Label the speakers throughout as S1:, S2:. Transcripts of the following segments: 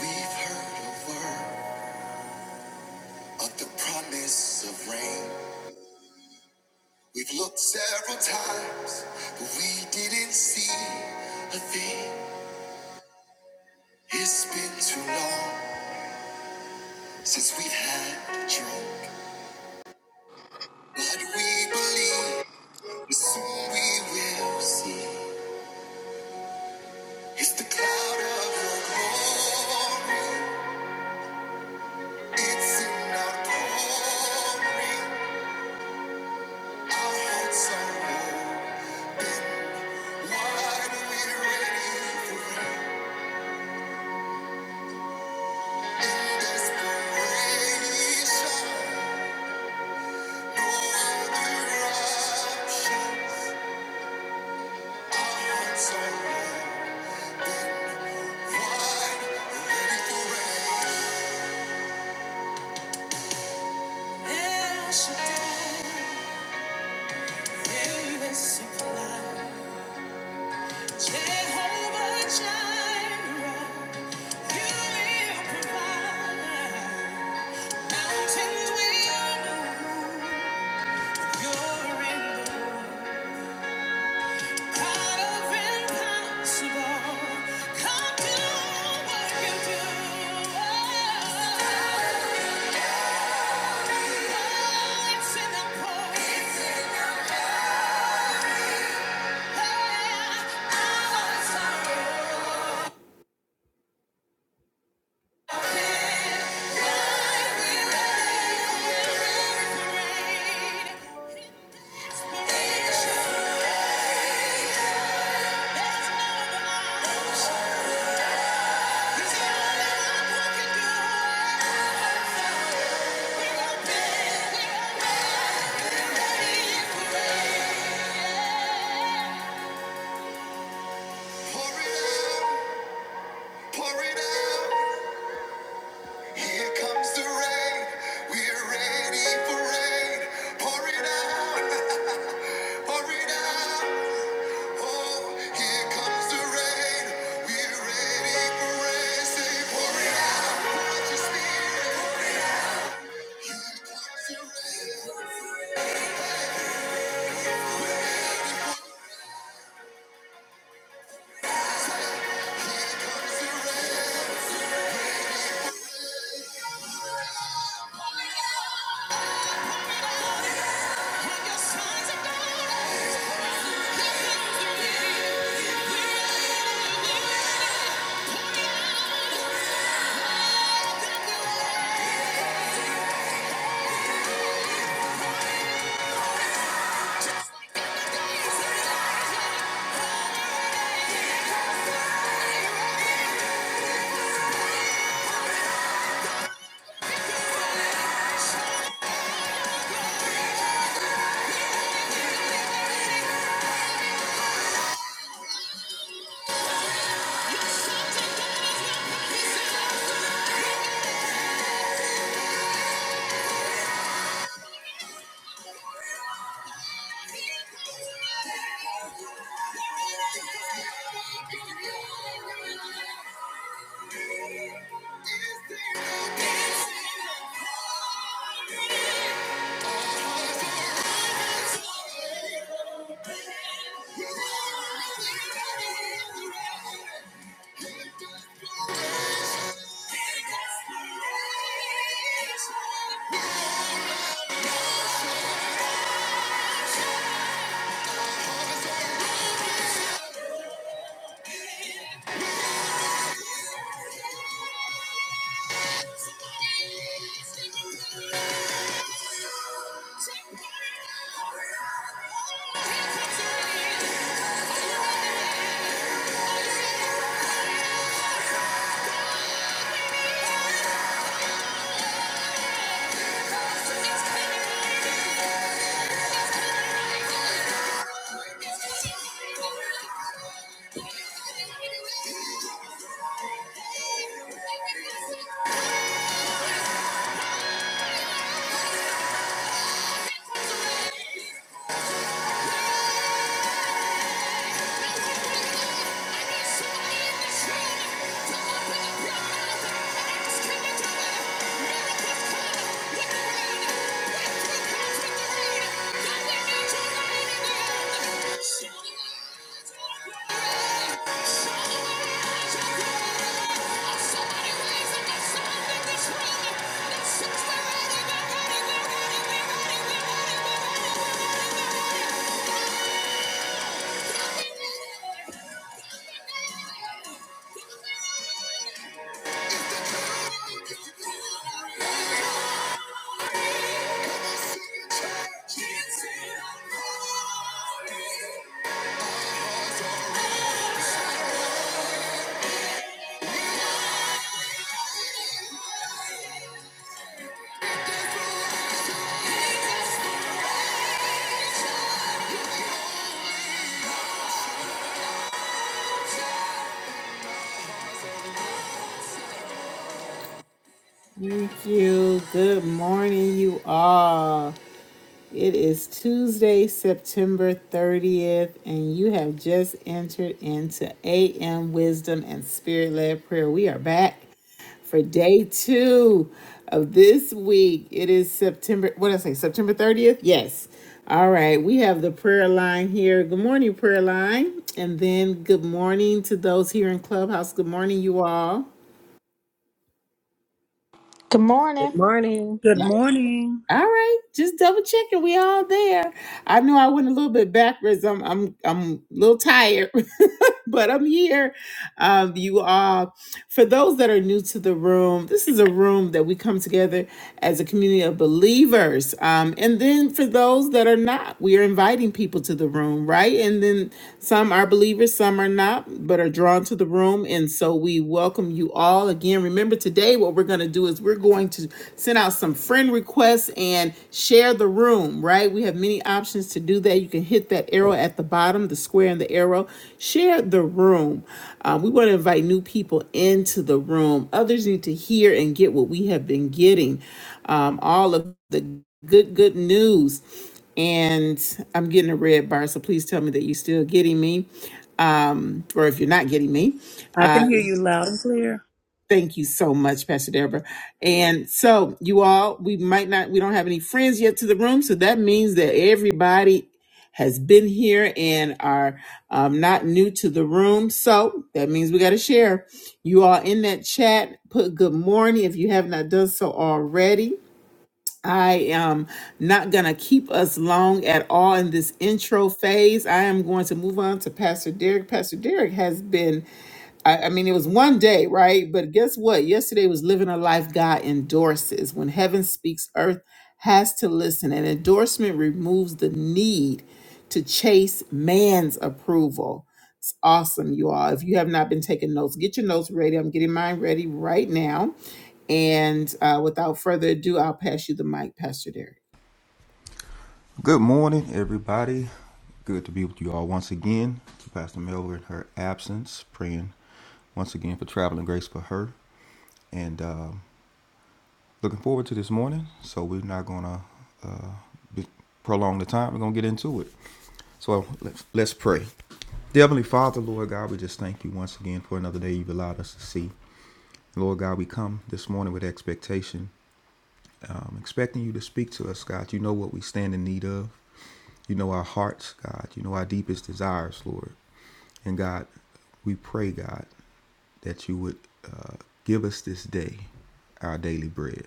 S1: We've heard a word of the promise of rain. We've looked several times, but we didn't see a thing. It's been too long since we've had a drink. But we believe that soon we will see. It's the cloud of your glory. It's in our glory. Our hearts are open. Wide, we're ready for it. Mountains will move, you're in the God of impossible, come do what you do. Oh, it's in the pool. Yeah, hours are great. Pour it out. Here comes the rain. We're ready for rain. Pour it out. Pour it out. Oh, here comes the rain. We're ready for rain. pour it out. Pour your spirit. Here comes the rain. Comes the rain. When your sons are gone, here comes the rain. Thank you. Thank you. Somebody raise up and shout, we're ready, we're ready, we're ready, we're ready, we're ready, we're ready, we're ready, we're ready. Thank you. Good morning, you all. It is Tuesday, September 30th, and you have just entered into AM Wisdom and Spirit led Prayer. We are back for day two of this week. It is September, what did I say, September 30th? Yes. All right, we have the prayer line here. Good morning, prayer line. And then good morning to those here in Clubhouse. Good morning, you all.
S2: Good morning.
S3: Good morning.
S4: Good morning.
S1: All right, just double checking. We all there. I know I went a little bit backwards. I'm I'm I'm a little tired, but I'm here. Um, you all, for those that are new to the room, this is a room that we come together as a community of believers. Um, and then for those that are not, we are inviting people to the room, right? And then some are believers, some are not, but are drawn to the room. And so we welcome you all again. Remember today, what we're going to do is we're going to send out some friend requests requests and share the room, right? We have many options to do that. You can hit that arrow at the bottom, the square and the arrow. Share the room. Uh, we want to invite new people into the room. Others need to hear and get what we have been getting um, all of the good, good news. And I'm getting a red bar, so please tell me that you're still getting me um, or if you're not getting me.
S4: I can
S1: uh,
S4: hear you loud and clear.
S1: Thank you so much, Pastor Deborah. And so, you all, we might not, we don't have any friends yet to the room. So that means that everybody has been here and are um, not new to the room. So that means we got to share. You all in that chat, put good morning if you have not done so already. I am not going to keep us long at all in this intro phase. I am going to move on to Pastor Derek. Pastor Derek has been I, I mean, it was one day, right? But guess what? Yesterday was living a life God endorses. When heaven speaks, earth has to listen. An endorsement removes the need to chase man's approval. It's awesome, you all. If you have not been taking notes, get your notes ready. I'm getting mine ready right now. And uh, without further ado, I'll pass you the mic, Pastor Derek.
S5: Good morning, everybody. Good to be with you all once again. To Pastor Melvin in her absence, praying once again for traveling grace for her, and um looking forward to this morning. So we're not gonna uh, be, prolong the time. We're gonna get into it. So let's let's pray. Dear Heavenly Father, Lord God, we just thank you once again for another day you've allowed us to see. Lord God, we come this morning with expectation. I'm expecting you to speak to us, God. You know what we stand in need of. You know our hearts, God. You know our deepest desires, Lord. And God, we pray, God, that you would uh, give us this day our daily bread.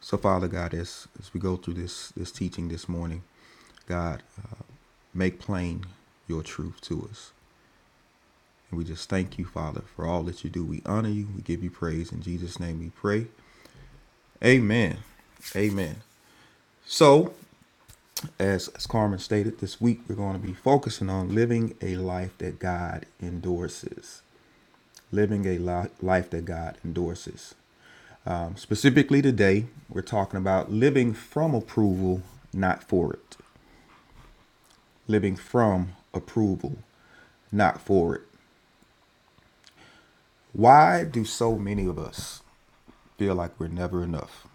S5: So, Father God, as, as we go through this, this teaching this morning, God, uh, make plain your truth to us. And we just thank you, Father, for all that you do. We honor you. We give you praise. In Jesus' name we pray. Amen. Amen. So, As, as Carmen stated, this week we're going to be focusing on living a life that God endorses. Living a li- life that God endorses. Um, specifically today, we're talking about living from approval, not for it. Living from approval, not for it. Why do so many of us feel like we're never enough?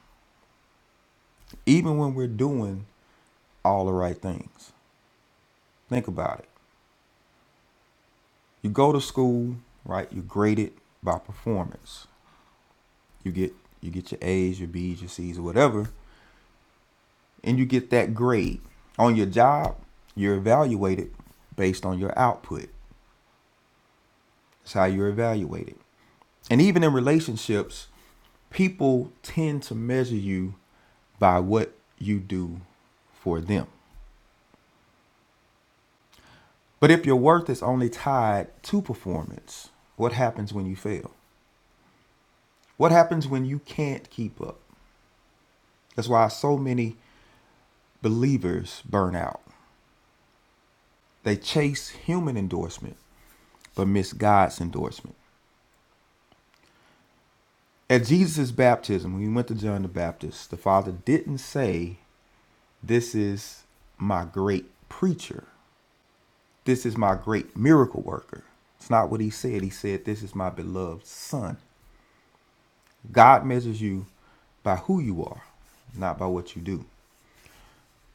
S5: Even when we're doing all the right things. Think about it. You go to school, right? You're graded by performance. You get you get your A's, your B's, your C's, or whatever, and you get that grade. On your job, you're evaluated based on your output. That's how you're evaluated. And even in relationships, people tend to measure you by what you do for them. But if your worth is only tied to performance, what happens when you fail? What happens when you can't keep up? That's why so many believers burn out. They chase human endorsement but missed God's endorsement. At Jesus' baptism, when he went to John the Baptist, the Father didn't say, This is my great preacher. This is my great miracle worker. It's not what he said. He said, This is my beloved Son. God measures you by who you are, not by what you do.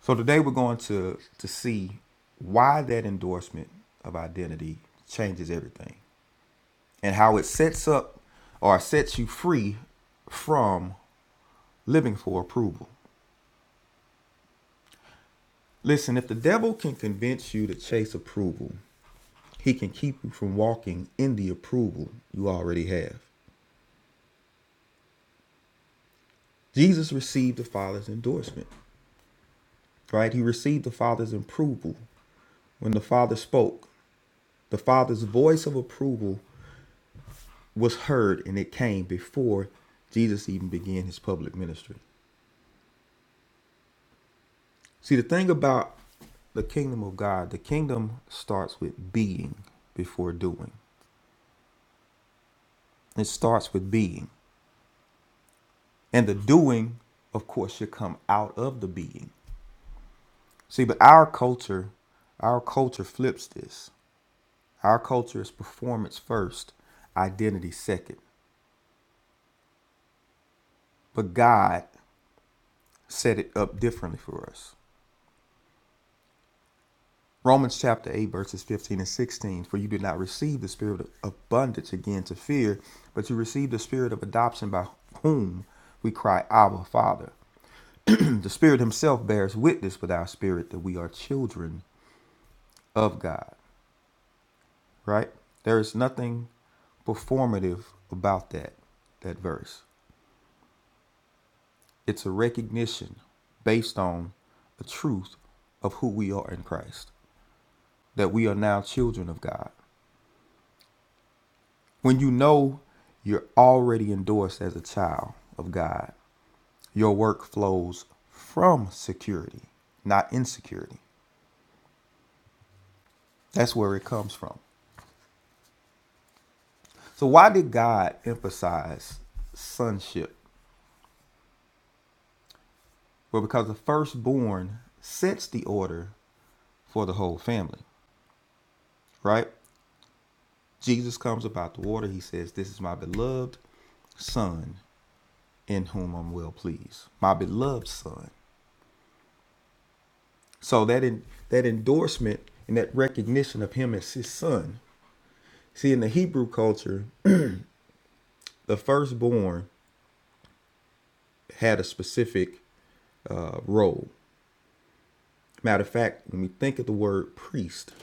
S5: So today we're going to, to see why that endorsement of identity changes everything and how it sets up or sets you free from living for approval. Listen, if the devil can convince you to chase approval, he can keep you from walking in the approval you already have. Jesus received the Father's endorsement, right? He received the Father's approval when the Father spoke. The Father's voice of approval was heard and it came before Jesus even began his public ministry. See, the thing about the kingdom of God, the kingdom starts with being before doing. It starts with being. And the doing, of course, should come out of the being. See, but our culture, our culture flips this. Our culture is performance first, identity second. But God set it up differently for us. Romans chapter 8, verses 15 and 16. For you did not receive the spirit of abundance again to fear, but you received the spirit of adoption by whom we cry, Abba, Father. the Spirit Himself bears witness with our spirit that we are children of God. right? There is nothing performative about that that verse. It's a recognition based on the truth of who we are in Christ, that we are now children of God. When you know you're already endorsed as a child of God, your work flows from security, not insecurity. That's where it comes from. So, why did God emphasize sonship? Well, because the firstborn sets the order for the whole family, right? Jesus comes about the water. He says, This is my beloved son in whom I'm well pleased. My beloved son. So that in, that endorsement and that recognition of him as his son. See, in the Hebrew culture, the firstborn had a specific uh, role. Matter of fact, when we think of the word priest,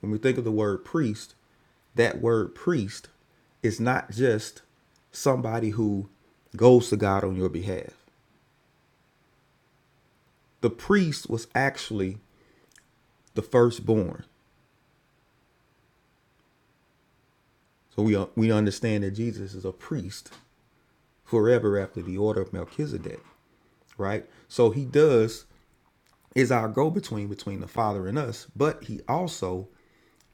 S5: when we think of the word priest, that word priest is not just somebody who goes to God on your behalf. The priest was actually the firstborn. So we we understand that Jesus is a priest forever after the order of Melchizedek, right? So he does is our go between between the Father and us, but he also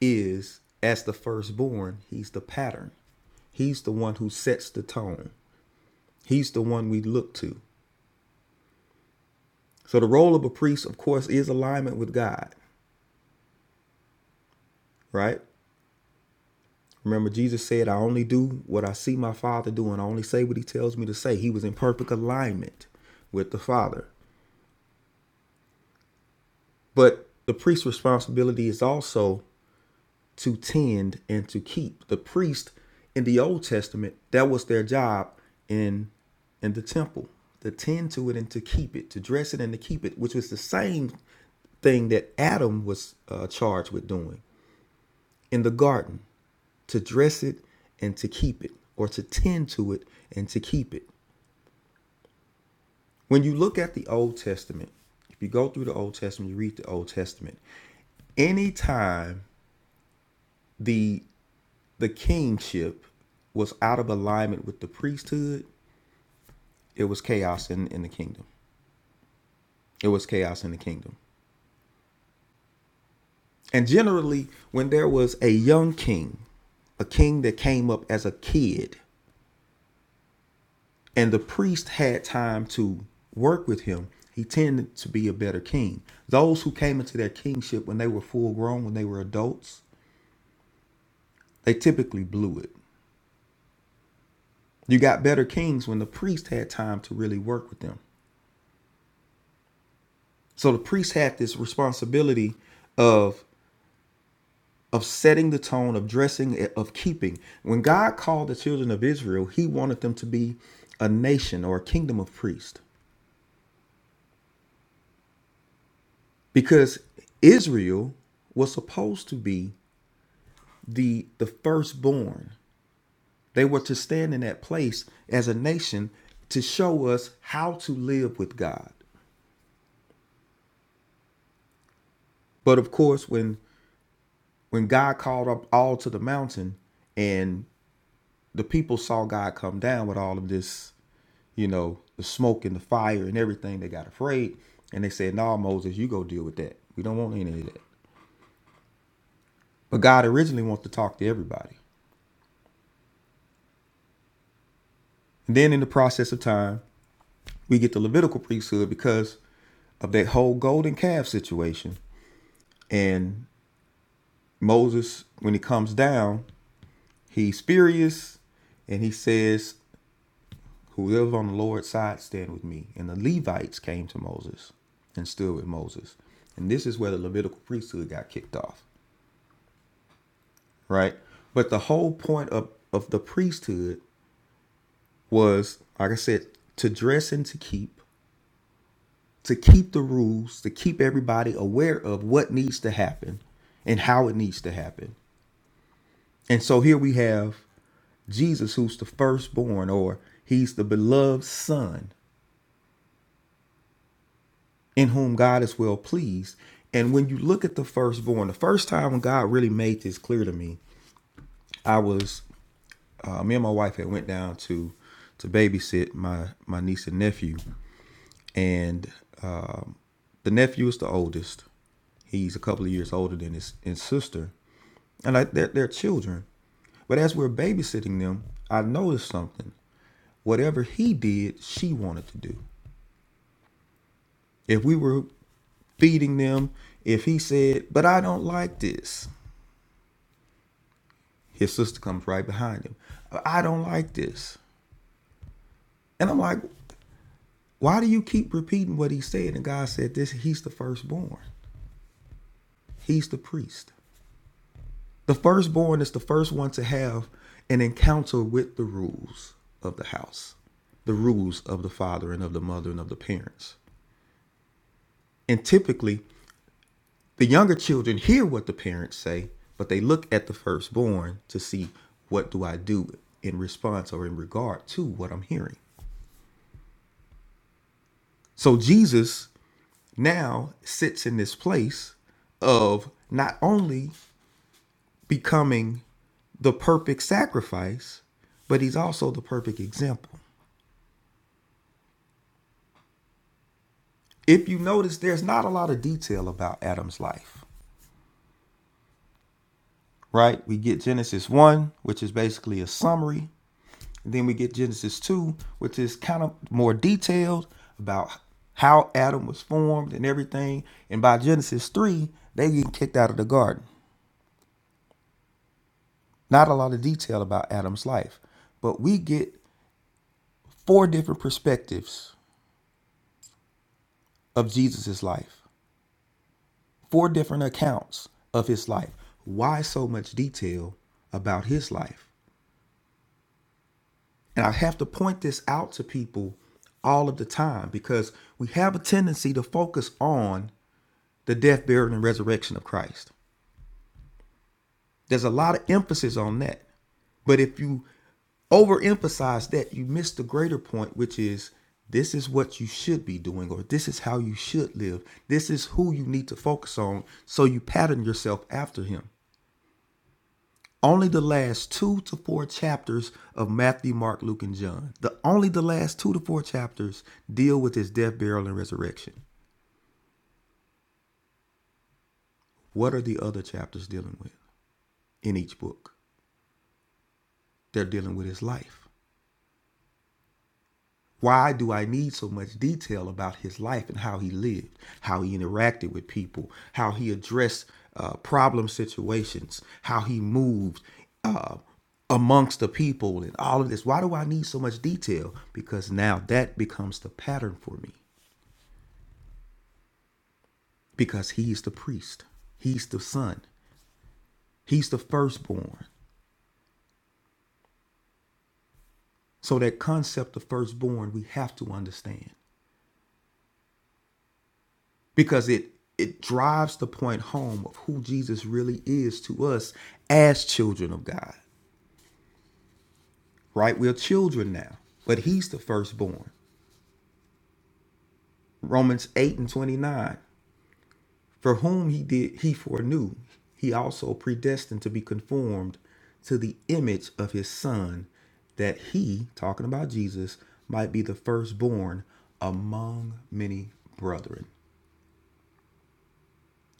S5: is as the firstborn, he's the pattern. He's the one who sets the tone. He's the one we look to. So the role of a priest, of course, is alignment with God, right? Remember, Jesus said, I only do what I see my Father doing. I only say what he tells me to say. He was in perfect alignment with the Father. But the priest's responsibility is also to tend and to keep. The priest in the Old Testament, that was their job in in the temple, to tend to it and to keep it, to dress it and to keep it, which was the same thing that Adam was uh, charged with doing in the garden. to dress it and to keep it, or to tend to it and to keep it. When you look at the Old Testament, if you go through the Old Testament, you read the Old Testament, anytime the the kingship was out of alignment with the priesthood, it was chaos in, in the kingdom. It was chaos in the kingdom. And generally, when there was a young king, a king that came up as a kid and the priest had time to work with him, he tended to be a better king. Those who came into their kingship when they were full grown, when they were adults, they typically blew it. You got better kings when the priest had time to really work with them. So the priest had this responsibility of of setting the tone, of dressing, of keeping. When God called the children of Israel, he wanted them to be a nation or a kingdom of priests because Israel was supposed to be the the firstborn. They were to stand in that place as a nation to show us how to live with God. But of course, when when God called up all to the mountain and the people saw God come down with all of this, you know, the smoke and the fire and everything, they got afraid and they said, "No, nah, Moses, you go deal with that. We don't want any of that." But God originally wants to talk to everybody. And then in the process of time, we get the Levitical priesthood because of that whole golden calf situation. And Moses, when he comes down, he's furious and he says, Whoever's on the Lord's side, stand with me. And the Levites came to Moses and stood with Moses. And this is where the Levitical priesthood got kicked off, right? But the whole point of, of the priesthood was, like I said, to dress and to keep, to keep the rules, to keep everybody aware of what needs to happen and how it needs to happen. And so here we have Jesus, who's the firstborn, or he's the beloved son in whom God is well pleased. And when you look at the firstborn, the first time when God really made this clear to me, I was uh, me and my wife had went down to to babysit my my niece and nephew, and um, the nephew is the oldest. He's a couple of years older than his, his sister, and like they're, they're children. But as we're babysitting them, I noticed something. Whatever he did, she wanted to do. If we were feeding them, if he said, "But I don't like this," his sister comes right behind him. "I don't like this," and I'm like, "Why do you keep repeating what he said?" And God said, "This he's the firstborn. He's the priest. The firstborn is the first one to have an encounter with the rules of the house, the rules of the father and of the mother and of the parents. And typically, the younger children hear what the parents say, but they look at the firstborn to see what do I do in response or in regard to what I'm hearing. So Jesus now sits in this place of not only becoming the perfect sacrifice, but he's also the perfect example. If you notice, there's not a lot of detail about Adam's life, right? We get Genesis 1, which is basically a summary. And then we get Genesis 2, which is kind of more detailed about how Adam was formed and everything. And by Genesis 3, they get kicked out of the garden. Not a lot of detail about Adam's life, but we get four different perspectives of Jesus's life, four different accounts of his life. Why so much detail about his life? And I have to point this out to people all of the time because we have a tendency to focus on the death, burial, and resurrection of Christ. There's a lot of emphasis on that. But if you overemphasize that, you miss the greater point, which is this is what you should be doing, or this is how you should live. This is who you need to focus on so you pattern yourself after him. Only the last two to four chapters of Matthew, Mark, Luke, and John. The only the last two to four chapters deal with his death, burial, and resurrection. What are the other chapters dealing with in each book? They're dealing with his life. Why do I need so much detail about his life and how he lived, how he interacted with people, how he addressed uh, problem situations, how he moved uh, amongst the people, and all of this? Why do I need so much detail? Because now that becomes the pattern for me. Because he's the priest, he's the son, he's the firstborn. So, that concept of firstborn, we have to understand. because it it drives the point home of who Jesus really is to us as children of God. Right? We're children now, but he's the firstborn. Romans 8 and 29. For whom he did he foreknew, he also predestined to be conformed to the image of his son, that he, talking about Jesus, might be the firstborn among many brethren.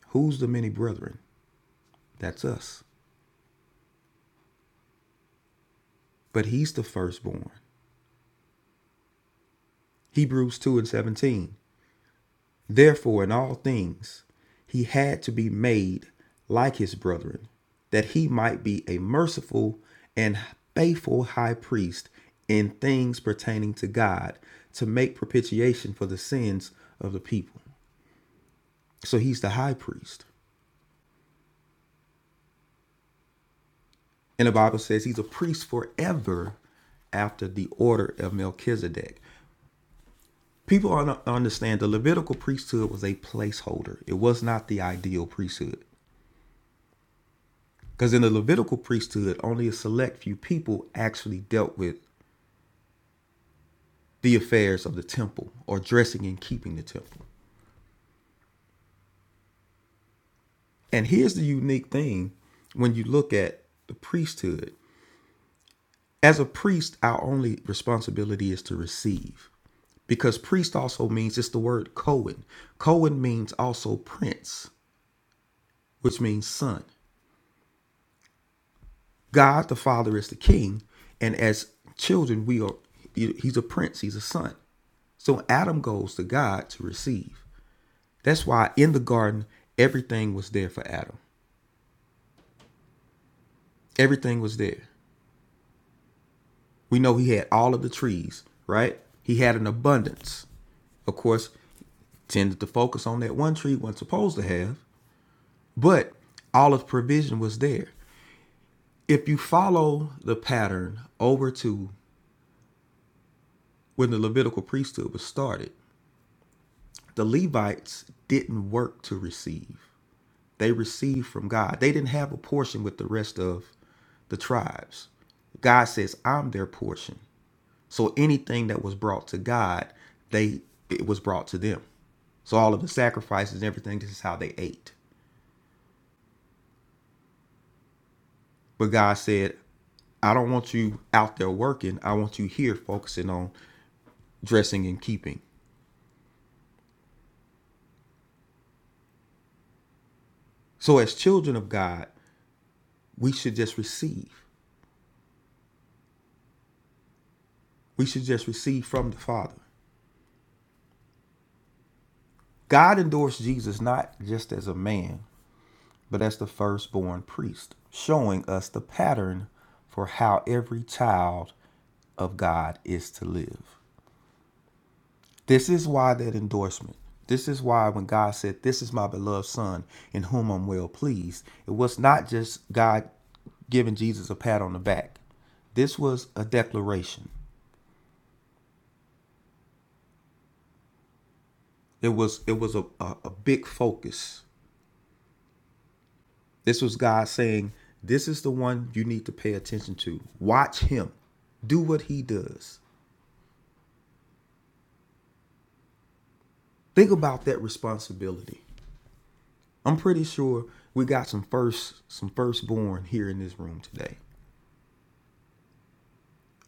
S5: Who's the many brethren? That's us. But he's the firstborn. Hebrews 2 and 17. Therefore, in all things, he had to be made like his brethren, that he might be a merciful and faithful high priest in things pertaining to God to make propitiation for the sins of the people. So he's the high priest. And the Bible says he's a priest forever after the order of Melchizedek. People un- understand the Levitical priesthood was a placeholder, it was not the ideal priesthood. Because in the Levitical priesthood, only a select few people actually dealt with the affairs of the temple or dressing and keeping the temple. And here's the unique thing when you look at the priesthood. As a priest, our only responsibility is to receive. Because priest also means it's the word Cohen. Cohen means also prince, which means son. God the Father is the king, and as children, we are he's a prince, he's a son. So Adam goes to God to receive. That's why in the garden, everything was there for Adam. Everything was there. We know he had all of the trees, right? He had an abundance. Of course, tended to focus on that one tree wasn't supposed to have, but all of provision was there. If you follow the pattern over to when the Levitical priesthood was started, The Levites didn't work to receive. They received from God. They didn't have a portion with the rest of the tribes. God says, "I'm their portion." So anything that was brought to God, they it was brought to them. So all of the sacrifices and everything, this is how they ate. But God said, I don't want you out there working. I want you here focusing on dressing and keeping. So, as children of God, we should just receive. We should just receive from the Father. God endorsed Jesus not just as a man, but as the firstborn priest, showing us the pattern for how every child of God is to live. This is why that endorsement. This is why when God said, This is my beloved son in whom I'm well pleased, it was not just God giving Jesus a pat on the back. This was a declaration. It was it was a, a, a big focus This was God saying, This is the one you need to pay attention to. Watch him. Do what he does. Think about that responsibility. I'm pretty sure we got some first some firstborn here in this room today.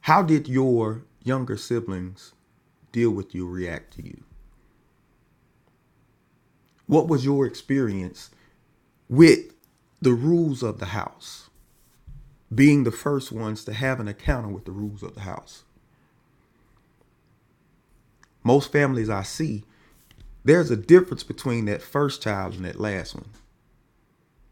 S5: How did your younger siblings deal with you, react to you? What was your experience with the rules of the house? Being the first ones to have an encounter with the rules of the house. Most families I see There's a difference between that first child and that last one.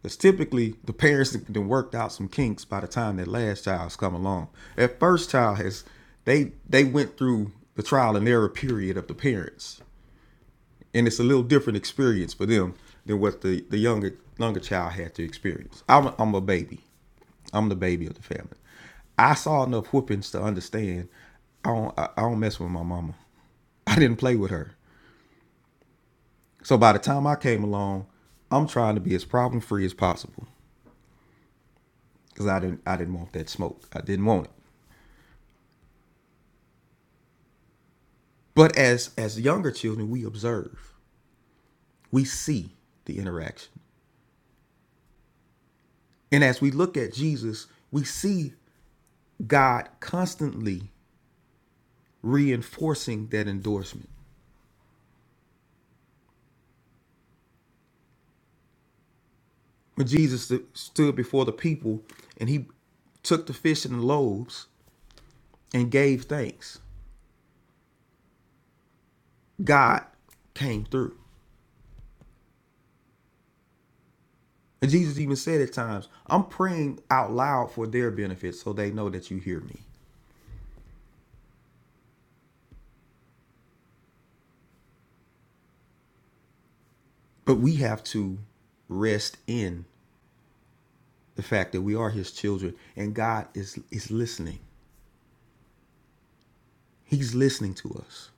S5: Because typically the parents have worked out some kinks by the time that last child's come along. That first child has they they went through the trial and error period of the parents. And it's a little different experience for them than what the, the younger younger child had to experience. I'm a, I'm a baby. I'm the baby of the family. I saw enough whoopings to understand I don't I, I don't mess with my mama. I didn't play with her. So by the time I came along, I'm trying to be as problem free as possible because I didn't I didn't want that smoke. I didn't want it. But as as younger children, we observe, we see the interaction, and as we look at Jesus, we see God constantly reinforcing that endorsement. When Jesus st- stood before the people and he took the fish and the loaves and gave thanks, God came through. And Jesus even said at times, I'm praying out loud for their benefit so they know that you hear me. But we have to rest in the fact that we are his children and God is is listening. He's listening to us.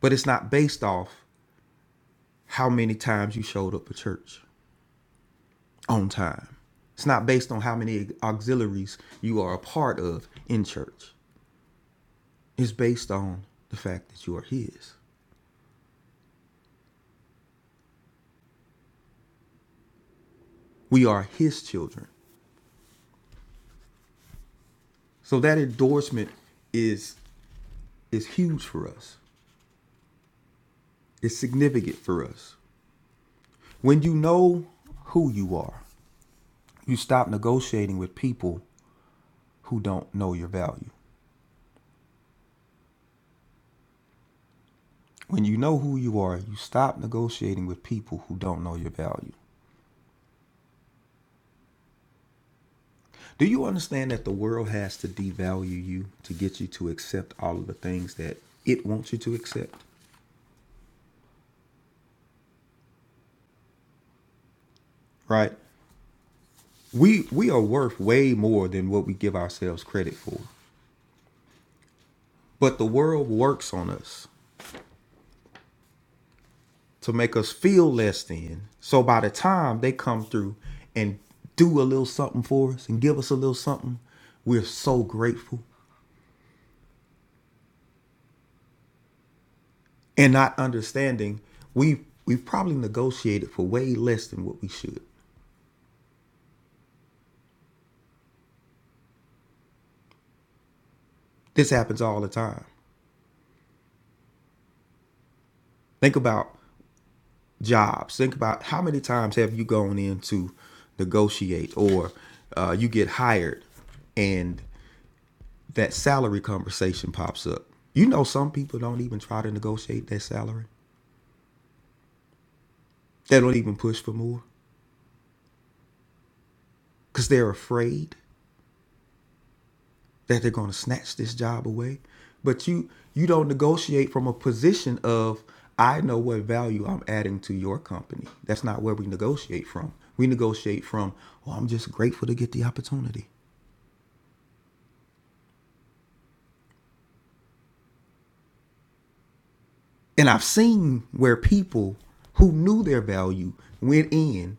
S5: But it's not based off how many times you showed up at church on time. It's not based on how many auxiliaries you are a part of in church. It's based on the fact that you are his. We are his children. So that endorsement is is huge for us. It's significant for us. When you know who you are, you stop negotiating with people who don't know your value. When you know who you are, you stop negotiating with people who don't know your value. Do you understand that the world has to devalue you to get you to accept all of the things that it wants you to accept? Right? We we are worth way more than what we give ourselves credit for. But the world works on us. to make us feel less than. So by the time they come through and do a little something for us and give us a little something, we're so grateful. And not understanding, we we have probably negotiated for way less than what we should. This happens all the time. Think about jobs. Think about how many times have you gone in to negotiate or uh, you get hired and that salary conversation pops up. You know, some people don't even try to negotiate their salary They don't even push for more because they're afraid that they're going to snatch this job away. But you you don't negotiate from a position of I know what value I'm adding to your company. That's not where we negotiate from. We negotiate from, oh, I'm just grateful to get the opportunity. And I've seen where people who knew their value went in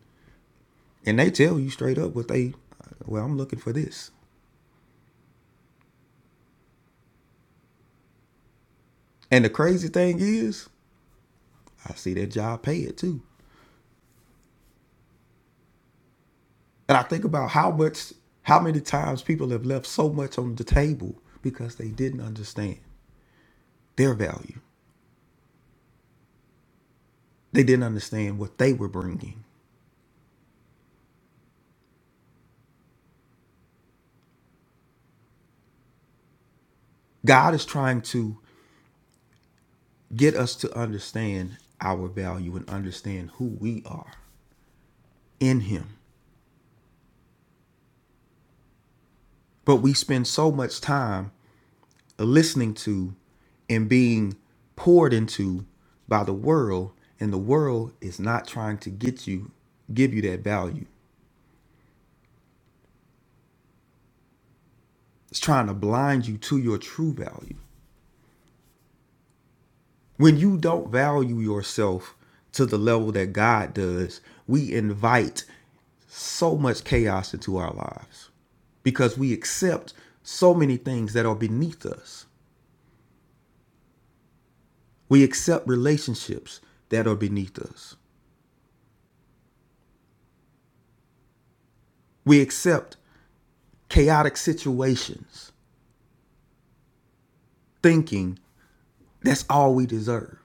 S5: and they tell you straight up what they, well, I'm looking for this. And the crazy thing is, I see that job pay it too. And I think about how much, how many times people have left so much on the table because they didn't understand their value. They didn't understand what they were bringing. God is trying to get us to understand our value and understand who we are in Him. But we spend so much time listening to and being poured into by the world, and the world is not trying to get you, give you that value. It's trying to blind you to your true value. When you don't value yourself to the level that God does, we invite so much chaos into our lives because we accept so many things that are beneath us. We accept relationships that are beneath us. We accept chaotic situations thinking that's all we deserve.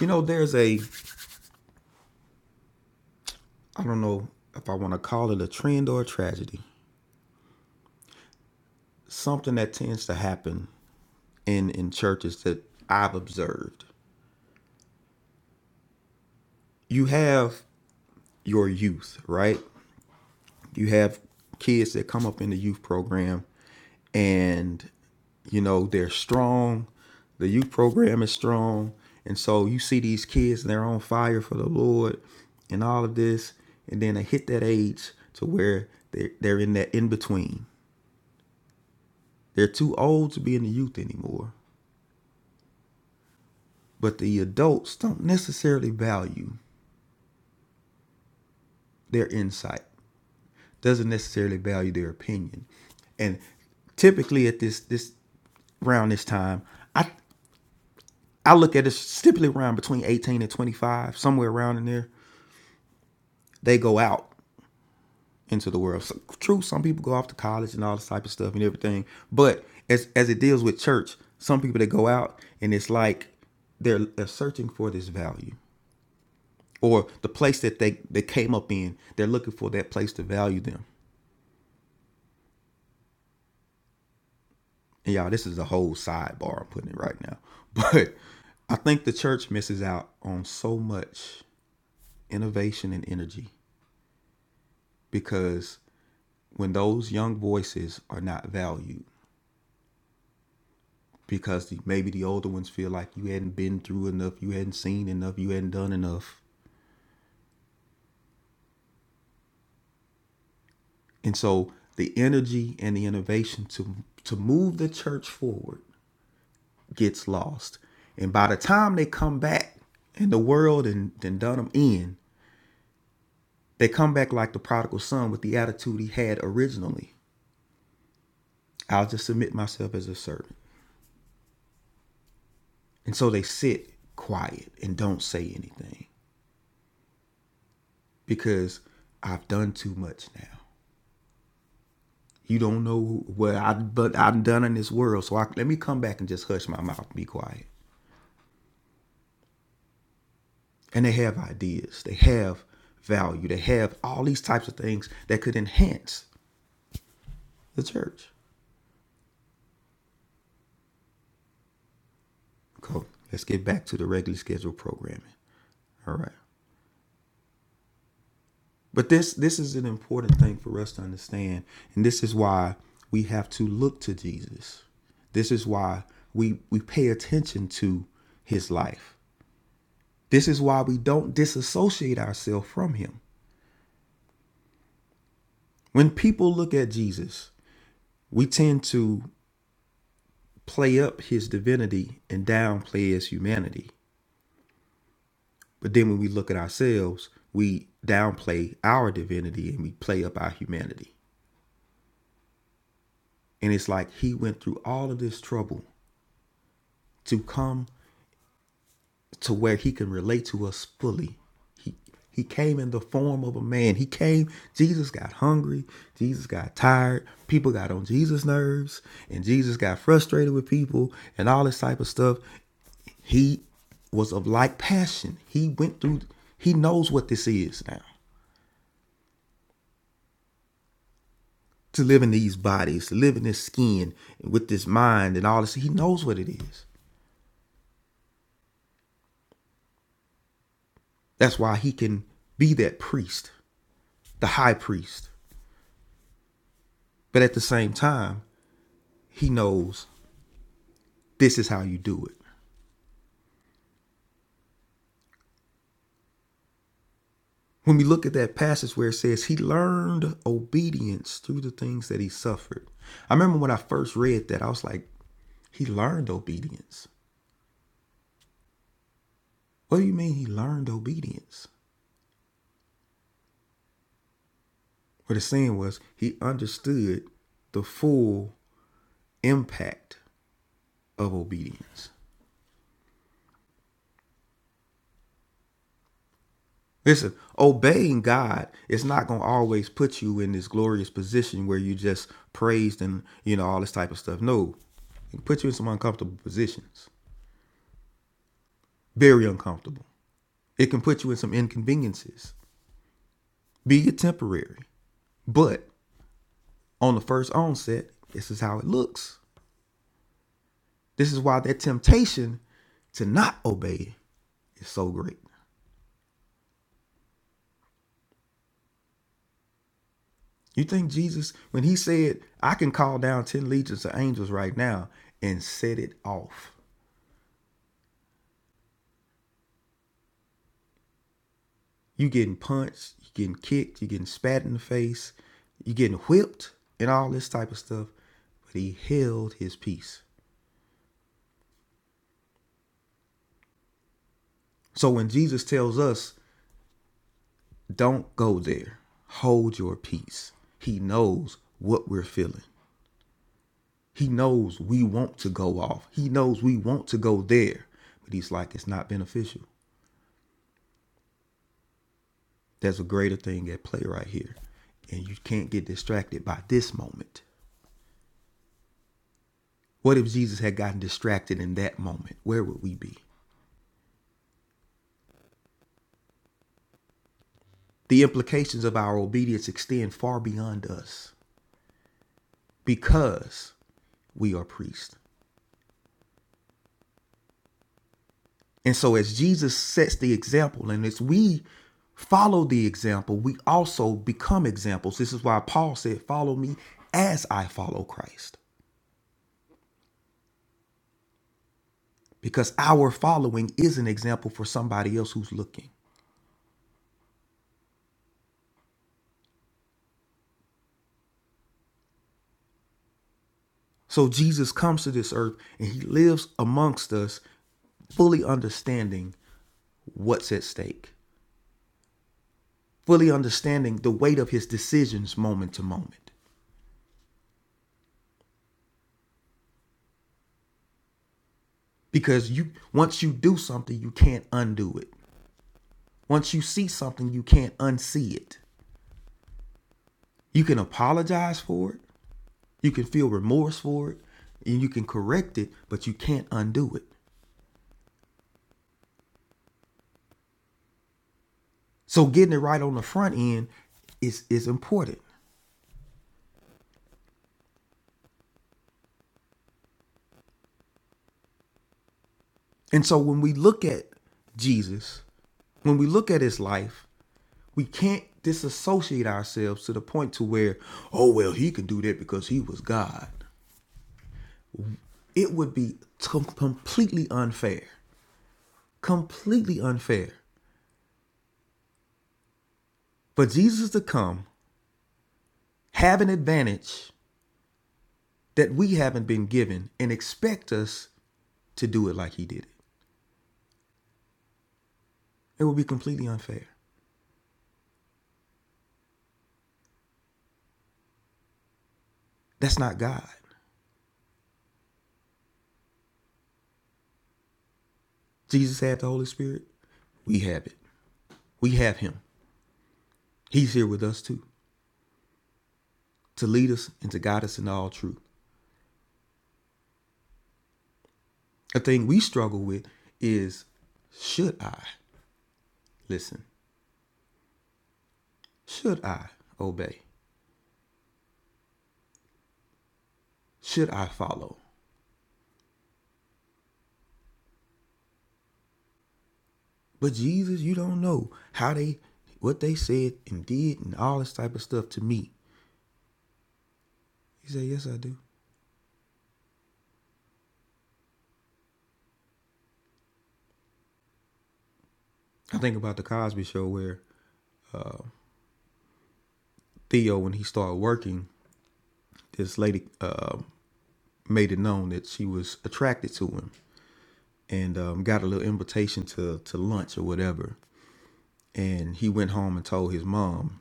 S5: You know, there's a, I don't know if I want to call it a trend or a tragedy, something that tends to happen in, in churches that I've observed. you have your youth, right? You have kids that come up in the youth program and you know they're strong. The youth program is strong. And so you see these kids they're on fire for the Lord and all of this. And then they hit that age to where they're, they're in that in between. They're too old to be in the youth anymore. But the adults don't necessarily value their insight doesn't necessarily value their opinion. And typically at this this around this time, I I look at it typically around between 18 and 25, somewhere around in there. They go out into the world. So, true, some people go off to college and all this type of stuff and everything. But as as it deals with church, some people that go out and it's like they're, they're searching for this value or the place that they they came up in. They're looking for that place to value them. and y'all, this is a whole sidebar. I'm putting it right now, but I think the church misses out on so much innovation and energy because when those young voices are not valued, because the, maybe the older ones feel like you hadn't been through enough, you hadn't seen enough, you hadn't done enough, and so the energy and the innovation to to move the church forward gets lost, and by the time they come back and the world and, and done them in, They come back like the prodigal son with the attitude he had originally. I'll just submit myself as a servant. And so they sit quiet and don't say anything because I've done too much now. You don't know what I have done in this world, so I, let me come back and just hush my mouth and be quiet. And they have ideas. They have value. They have all these types of things that could enhance the church. Cool. Let's get back to the regularly scheduled programming. All right. But this this is an important thing for us to understand, and this is why we have to look to Jesus. This is why we we pay attention to his life. This is why we don't disassociate ourselves from him. When people look at Jesus, we tend to play up his divinity and downplay his humanity. But then when we look at ourselves, we downplay our divinity and we play up our humanity. And it's like he went through all of this trouble to come to where he can relate to us fully. He he came in the form of a man. He came, Jesus got hungry, Jesus got tired, people got on Jesus' nerves, and Jesus got frustrated with people and all this type of stuff. He was of like passion. He went through he knows what this is now. To live in these bodies, to live in this skin and with this mind and all this, he knows what it is. That's why he can be that priest, the high priest. But at the same time, he knows this is how you do it. When we look at that passage where it says he learned obedience through the things that he suffered. I remember when I first read that, I was like, he learned obedience. What do you mean he learned obedience? What it's saying was he understood the full impact of obedience. Listen, obeying God is not going to always put you in this glorious position where you just praised and, you know, all this type of stuff. No, it can put you in some uncomfortable positions. Very uncomfortable. It can put you in some inconveniences, be it temporary. But on the first onset, this is how it looks. This is why that temptation to not obey is so great. You think Jesus, when he said, I can call down 10 legions of angels right now and set it off. You getting punched, you getting kicked, you getting spat in the face, you getting whipped, and all this type of stuff. But he held his peace. So when Jesus tells us Don't go there. Hold your peace. He knows what we're feeling. He knows we want to go off. He knows we want to go there. But he's like, it's not beneficial. There's a greater thing at play right here. And you can't get distracted by this moment. What if Jesus had gotten distracted in that moment? Where would we be? The implications of our obedience extend far beyond us because we are priests. And so as Jesus sets the example and as we follow the example, we also become examples. This is why Paul said, "Follow me as I follow Christ." Because our following is an example for somebody else who's looking. So Jesus comes to this earth and he lives amongst us fully understanding what's at stake, fully understanding the weight of his decisions moment to moment. Because you once you do something, you can't undo it. Once you see something, you can't unsee it. You can apologize for it, you can feel remorse for it, and you can correct it, but you can't undo it. So getting it right on the front end is is important. And so when we look at Jesus, when we look at his life, we can't disassociate ourselves to the point to where oh well he can do that because he was god it would be com- completely unfair completely unfair for jesus to come have an advantage that we haven't been given and expect us to do it like he did it. It would be completely unfair. That's not God. Jesus had the Holy Spirit. We have it. We have him. He's here with us too to lead us and to guide us in all truth. A thing we struggle with is should I listen? Should I obey? Should I follow? But Jesus, you don't know how they what they said and did and all this type of stuff to me. He said, Yes, I do. I think about the Cosby Show where Theo, when he started working, this lady uh, made it known that she was attracted to him and um, got a little invitation to to lunch or whatever. And he went home and told his mom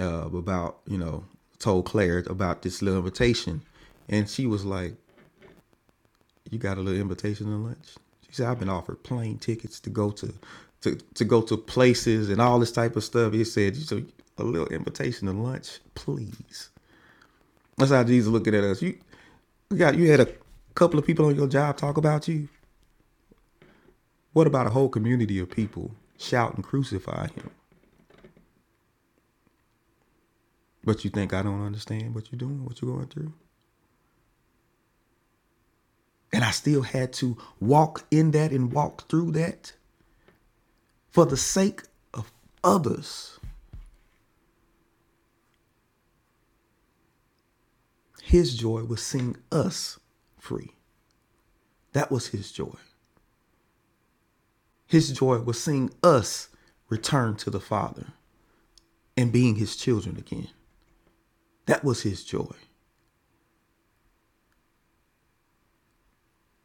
S5: uh, about you know told Claire about this little invitation, and she was like, "You got a little invitation to lunch?" She said, "I've been offered plane tickets to go to." To, to go to places and all this type of stuff. He said, so a little invitation to lunch, please. That's how Jesus looking at us. You, you got you had a couple of people on your job talk about you. What about a whole community of people shout and crucify him? But you think I don't understand what you're doing, what you're going through? And I still had to walk in that and walk through that for the sake of others. His joy was seeing us free. That was his joy. His joy was seeing us return to the Father and being his children again. That was his joy.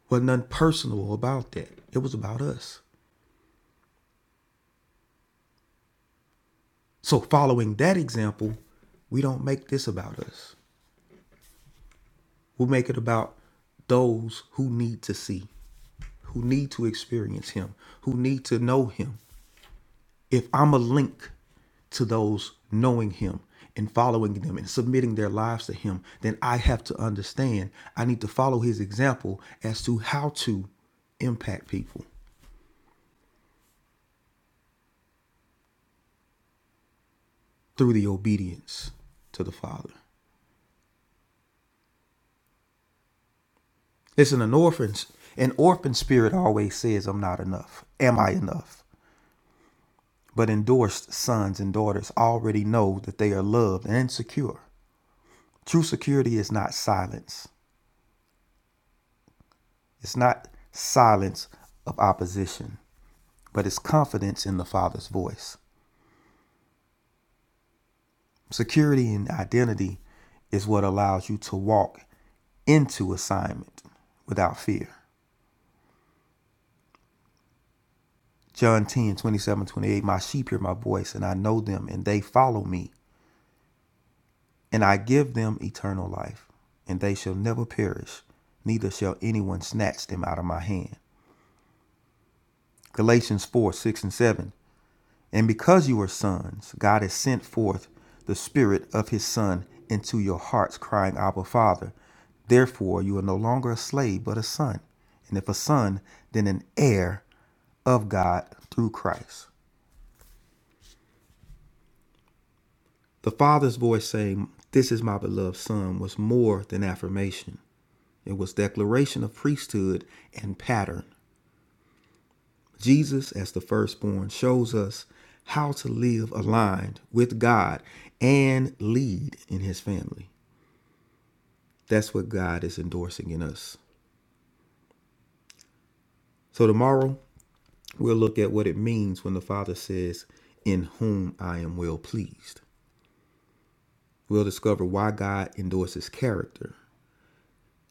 S5: was nothing personal about that. It was about us. So following that example, we don't make this about us. We make it about those who need to see, who need to experience him, who need to know him. If I'm a link to those knowing him and following them and submitting their lives to him, then I have to understand I need to follow his example as to how to impact people through the obedience to the Father. Listen, an orphan's an orphan spirit always says, I'm not enough. Am I enough? But endorsed sons and daughters already know that they are loved and secure. True security is not silence. It's not silence of opposition, but it's confidence in the Father's voice. Security and identity is what allows you to walk into assignment without fear. John ten twenty seven twenty eight my sheep hear my voice, and I know them, and they follow me. And I give them eternal life, and they shall never perish, neither shall anyone snatch them out of my hand. Galatians 4 6 and 7. And because you are sons, God has sent forth the Spirit of His Son into your hearts, crying, Abba, Father. Therefore, you are no longer a slave, but a son. And if a son, then an heir of God through Christ. The Father's voice saying, This is my beloved Son, was more than affirmation. It was declaration of priesthood and pattern. Jesus, as the firstborn, shows us how to live aligned with God and lead in his family. That's what God is endorsing in us. So, tomorrow, we'll look at what it means when the Father says, In whom I am well pleased. We'll discover why God endorses character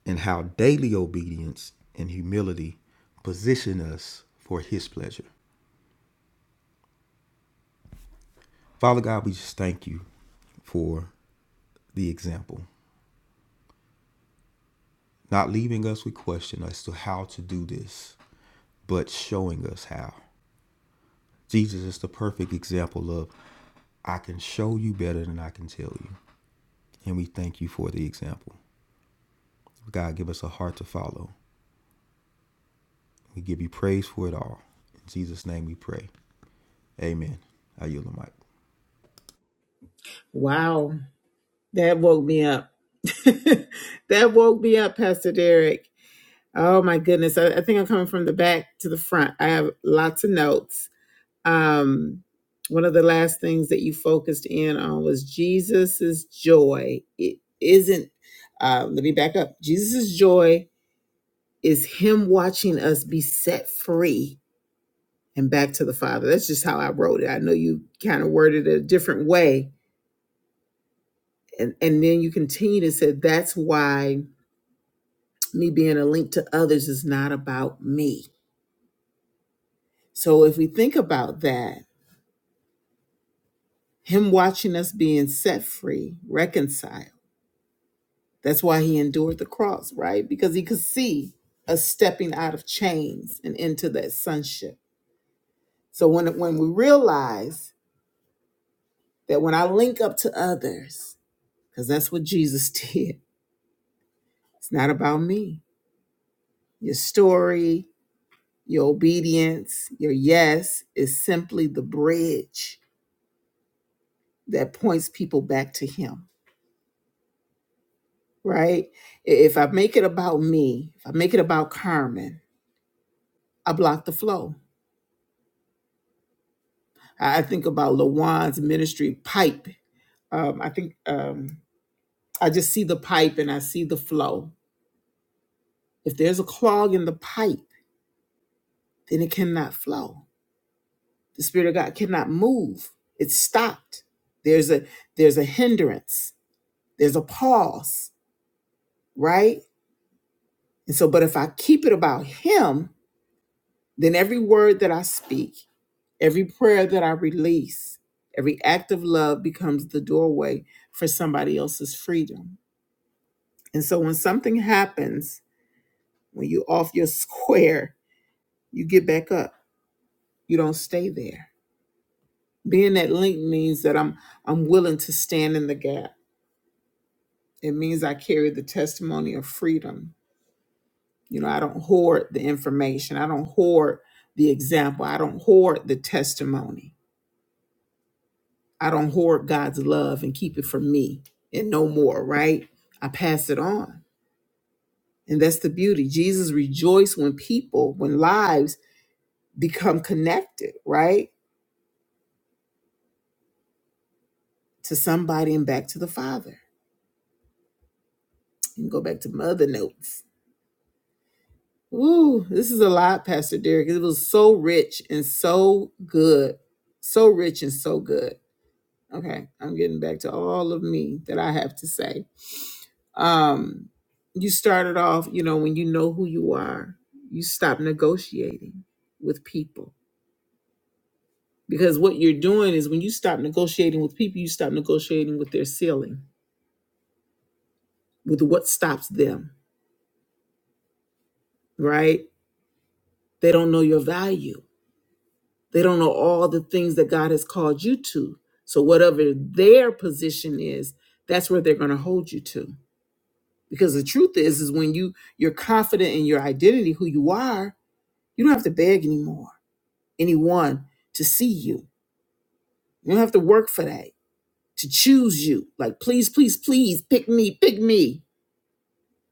S5: and how daily obedience and humility position us for his pleasure. Father God, we just thank you for the example, not leaving us with question as to how to do this, but showing us how. Jesus is the perfect example of I can show you better than I can tell you. And we thank you for the example. God, give us a heart to follow. We give you praise for it all. In Jesus' name we pray. Amen. I yield the mic.
S1: Wow, that woke me up. that woke me up, Pastor Derek. Oh my goodness. I, I think I'm coming from the back to the front. I have lots of notes. Um, one of the last things that you focused in on was Jesus's joy. It isn't, uh, let me back up. Jesus's joy is him watching us be set free and back to the Father. That's just how I wrote it. I know you kind of worded it a different way. And, and then you continue to say, that's why me being a link to others is not about me. So if we think about that, him watching us being set free, reconciled. That's why he endured the cross, right? Because he could see us stepping out of chains and into that sonship. So when when we realize that when I link up to others, because that's what Jesus did, it's not about me. Your story, your obedience, your yes is simply the bridge that points people back to him, right? If I make it about me, if I make it about Carmen, I block the flow. I think about LaJuan's ministry pipe. Um, I think um, I just see the pipe and I see the flow. If there's a clog in the pipe, then it cannot flow. The Spirit of God cannot move. It's stopped. There's a there's a hindrance. There's a pause, right? And so, but if I keep it about Him, then every word that I speak, every prayer that I release, every act of love becomes the doorway for somebody else's freedom And so when something happens, when you off your square, you get back up. You don't stay there. Being that link means that I'm I'm willing to stand in the gap. It means I carry the testimony of freedom. You know, I don't hoard the information. I don't hoard the example. I don't hoard the testimony. I don't hoard God's love and keep it for me and no more, right? I pass it on. And that's the beauty. Jesus rejoiced when people, when lives become connected, right? to somebody and back to the Father. And go back to my other notes. Ooh, this is a lot, Pastor Derek. It was so rich and so good. So rich and so good. Okay, I'm getting back to all of me that I have to say. Um, you started off, you know, when you know who you are, you stop negotiating with people. Because what you're doing is when you stop negotiating with people, you stop negotiating with their ceiling, with what stops them, right? They don't know your value They don't know all the things that God has called you to. So, whatever their position is, that's where they're going to hold you to. Because the truth is, is when you you're confident in your identity, who you are, you don't have to beg anymore, anyone to see you. You don't have to work for that, to choose you. Like, please, please, please, pick me, pick me,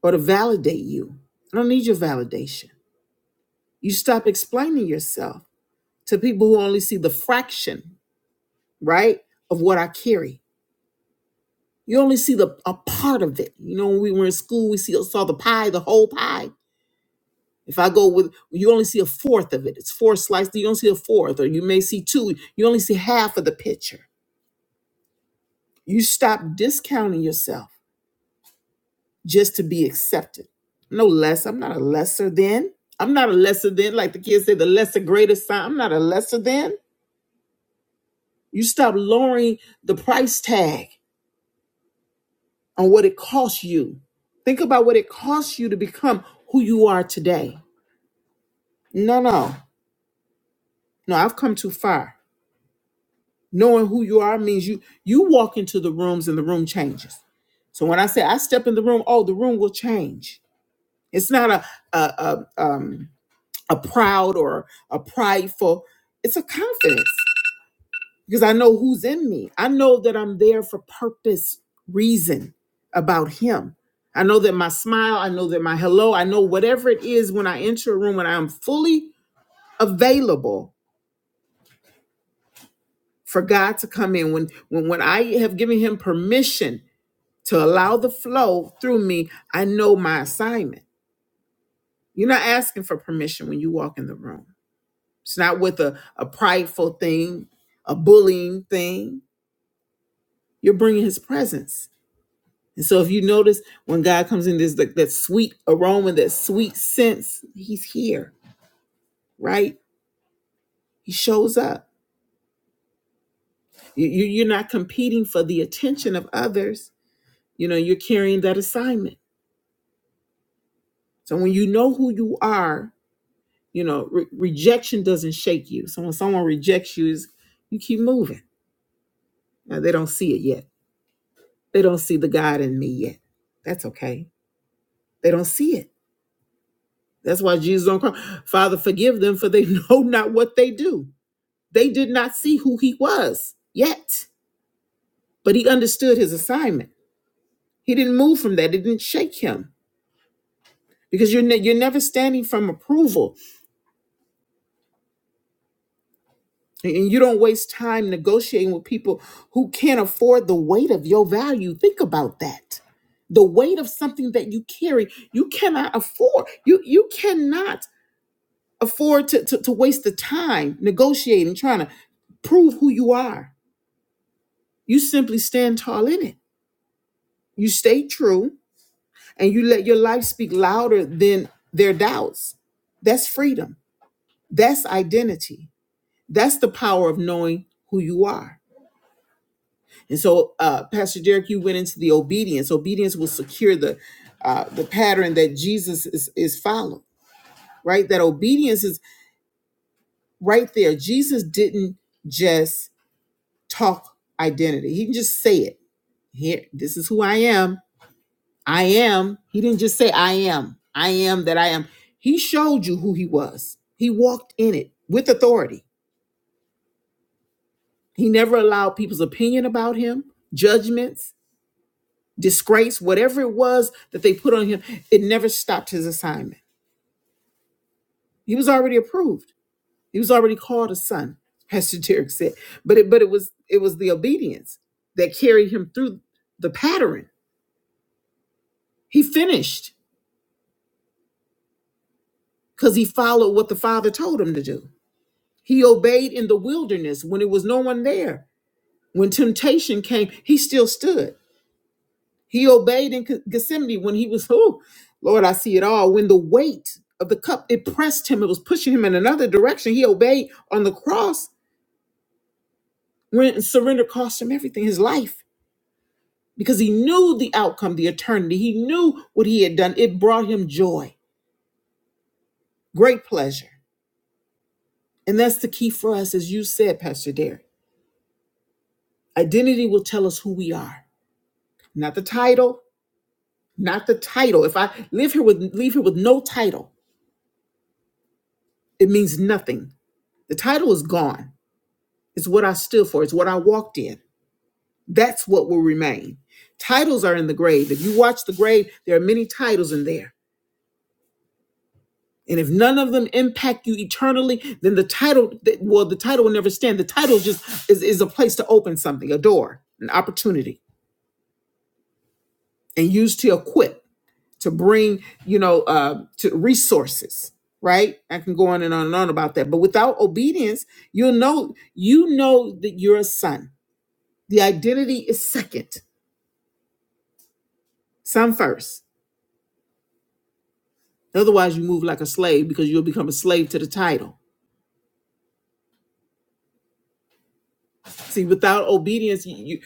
S1: or to validate you. I don't need your validation. You stop explaining yourself to people who only see the fraction, right, of what I carry You only see the a part of it. You know, when we were in school, we see saw the pie, the whole pie. If I go with, you only see a fourth of it. It's four slices. You don't see a fourth, or you may see two. You only see half of the picture. You stop discounting yourself just to be accepted. No less. I'm not a lesser than. I'm not a lesser than. Like the kids say, the lesser greater sign. I'm not a lesser than. You stop lowering the price tag on what it costs you. Think about what it costs you to become who you are today. No, no, no. I've come too far. Knowing who you are means you you walk into the rooms and the room changes. So when I say I step in the room, oh, the room will change. It's not a a a, um, a proud or a prideful. It's a confidence because I know who's in me. I know that I'm there for purpose, reason about Him. I know that my smile. I know that my hello. I know whatever it is when I enter a room when I am fully available for God to come in. When when when I have given him permission to allow the flow through me, I know my assignment. You're not asking for permission when you walk in the room. It's not with a, a prideful thing, a bullying thing. You're bringing his presence. And so if you notice when God comes in, there's like that sweet aroma, that sweet sense, he's here, right? He shows up. You, you, you're not competing for the attention of others. You know, you're carrying that assignment So when you know who you are, you know, re- rejection doesn't shake you. So when someone rejects you, is you keep moving. Now they don't see it yet. They don't see the God in me yet. That's okay. They don't see it. That's why Jesus don't cry. Father, forgive them, for they know not what they do. They did not see who he was yet, but he understood his assignment. He didn't move from that. It didn't shake him because you're ne- you're never standing from approval. And you don't waste time negotiating with people who can't afford the weight of your value. Think about that. The weight of something that you carry, you cannot afford. You you cannot afford to, to, to waste the time negotiating, trying to prove who you are. You simply stand tall in it. You stay true and you let your life speak louder than their doubts. That's freedom. That's identity. That's the power of knowing who you are. And so, uh, Pastor Derek, you went into the obedience. Obedience will secure the uh, the pattern that Jesus is is following. Right, that obedience is right there. Jesus didn't just talk identity; he didn't just say it. Here, this is who I am. I am. He didn't just say I am. I am that I am. He showed you who he was. He walked in it with authority. He never allowed people's opinion about him, judgments disgrace, whatever it was that they put on him, it never stopped his assignment. He was already approved. He was already called a son, Pastor Derek said. But it but it was it was the obedience that carried him through the pattern. He finished because he followed what the father told him to do. He obeyed in the wilderness when it was no one there. When temptation came, he still stood. He obeyed in Ge- Gethsemane when he was, oh, Lord, I see it all. When the weight of the cup, it pressed him, it was pushing him in another direction. He obeyed on the cross when surrender cost him everything, his life, because he knew the outcome, the eternity. He knew what he had done. It brought him joy, great pleasure. And that's the key for us, as you said, Pastor Derek. Identity will tell us who we are, not the title, not the title. If I live here with leave here with no title, it means nothing. The title is gone. It's what I stood for. It's what I walked in. That's what will remain. Titles are in the grave. If you watch the grave, there are many titles in there. And if none of them impact you eternally, then the title, well, the title will never stand. The title just is, is a place to open something, a door, an opportunity, and used to equip, to bring, you know, uh, to resources, right? I can go on and on and on about that. But without obedience, you'll know, you know that you're a son. The identity is second, son first. Otherwise, you move like a slave because you'll become a slave to the title. See, without obedience, you, you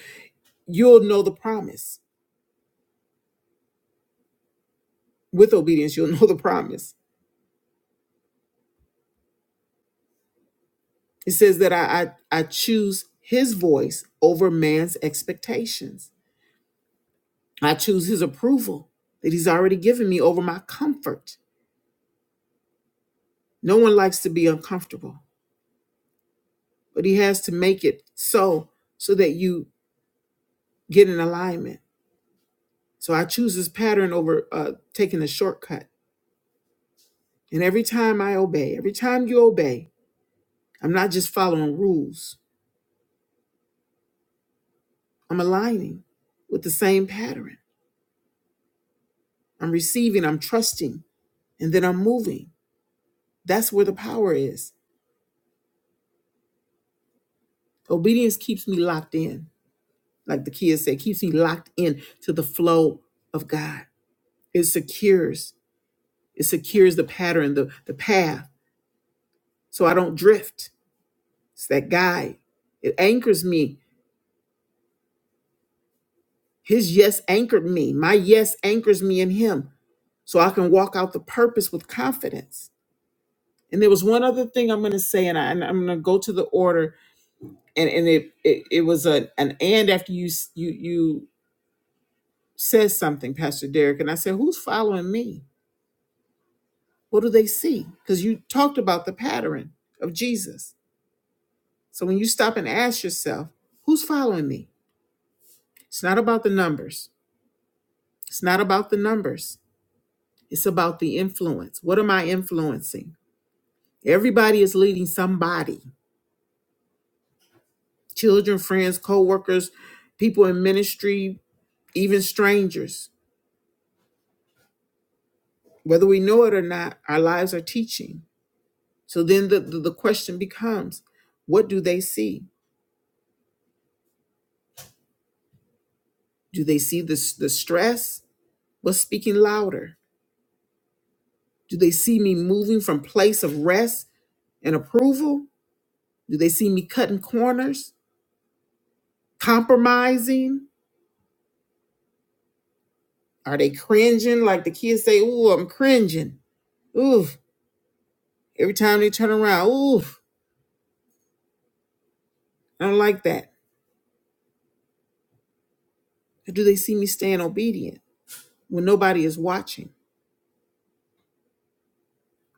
S1: you'll know the promise. With obedience, you'll know the promise. It says that I, I I choose His voice over man's expectations. I choose His approval that He's already given me over my comfort. No one likes to be uncomfortable, but He has to make it so so that you get in alignment. So I choose this pattern over uh, taking a shortcut. And every time I obey, every time you obey, I'm not just following rules, I'm aligning with the same pattern. I'm receiving, I'm trusting, and then I'm moving. That's where the power is. Obedience keeps me locked in, like the kids say, keeps me locked in to the flow of God. It secures, it secures the pattern, the, the path, so I don't drift. It's that guide. It anchors me. His yes anchored me. My yes anchors me in him. So I can walk out the purpose with confidence. And there was one other thing I'm going to say, and, I, and I'm going to go to the order. And and it it, it was a, an and after you s- you you said something, Pastor Derek, and I said, who's following me? What do they see? Because you talked about the pattern of Jesus. So when you stop and ask yourself, who's following me? It's not about the numbers. It's not about the numbers. It's about the influence. What am I influencing? Everybody is leading somebody. Children, friends, co-workers, people in ministry, even strangers. Whether we know it or not, our lives are teaching. So then the, the, the question becomes what do they see? Do they see the, the stress? What's speaking louder? Do they see me moving from place of rest and approval? Do they see me cutting corners, compromising? Are they cringing? Like the kids say, Ooh, I'm cringing. Ooh, every time they turn around, Ooh, I don't like that. Or do they see me staying obedient when nobody is watching?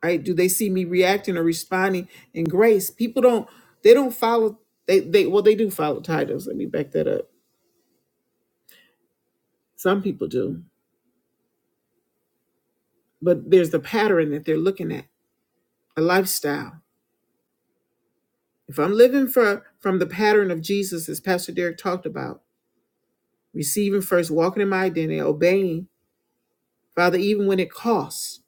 S1: right do they see me reacting or responding in grace people don't they don't follow they they well they do follow titles let me back that up some people do but there's the pattern that they're looking at a lifestyle if i'm living for from the pattern of jesus as pastor derek talked about receiving first walking in my identity obeying father even when it costs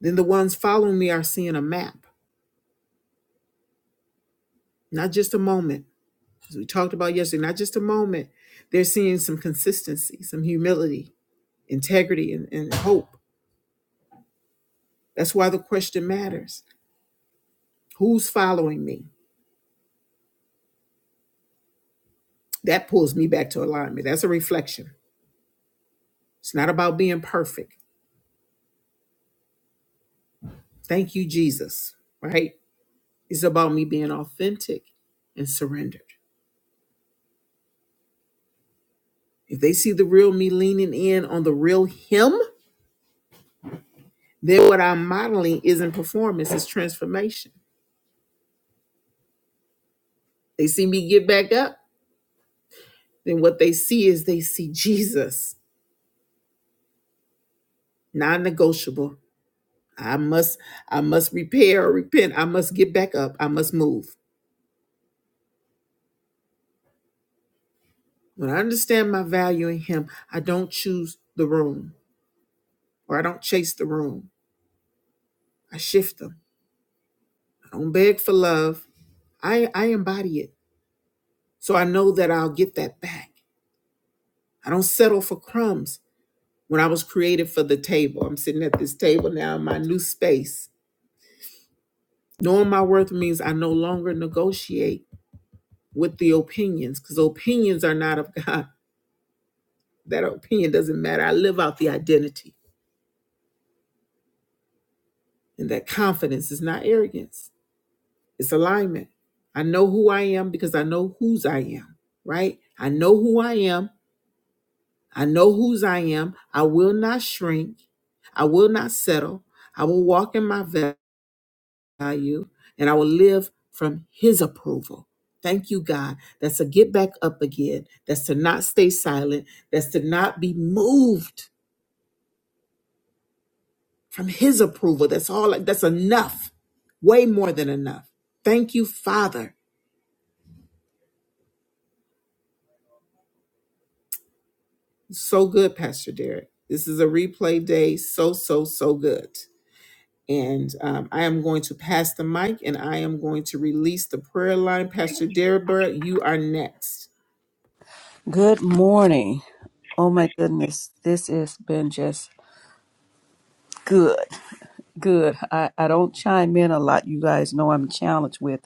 S1: then the ones following me are seeing a map not just a moment as we talked about yesterday not just a moment they're seeing some consistency some humility integrity, and, and hope. That's why the question matters. Who's following me? That pulls me back to alignment. That's a reflection. It's not about being perfect. Thank you, Jesus, right? It's about me being authentic and surrendered. If they see the real me leaning in on the real him, then what I'm modeling isn't performance, it's transformation. They see me get back up, then what they see is they see Jesus, non negotiable, I must I must repair or repent. I must get back up. I must move. When I understand my value in him, I don't choose the room or I don't chase the room. I shift them. I don't beg for love. I, I embody it. So I know that I'll get that back. I don't settle for crumbs. When I was created for the table, I'm sitting at this table now in my new space. Knowing my worth means I no longer negotiate with the opinions because opinions are not of God. That opinion doesn't matter. I live out the identity. And that confidence is not arrogance, it's alignment. I know who I am because I know whose I am, right? I know who I am. I know whose I am. I will not shrink. I will not settle. I will walk in my value and I will live from His approval. Thank you, God. That's to get back up again. That's to not stay silent. That's to not be moved from his approval. That's all that's enough. Way more than enough. Thank you, Father. So good, Pastor Derek. This is a replay day. So, so, so good. And um, I am going to pass the mic and I am going to release the prayer line. Pastor Deborah, you are next.
S4: Good morning. Oh my goodness, this has been just good. Good. I, I don't chime in a lot. You guys know I'm challenged with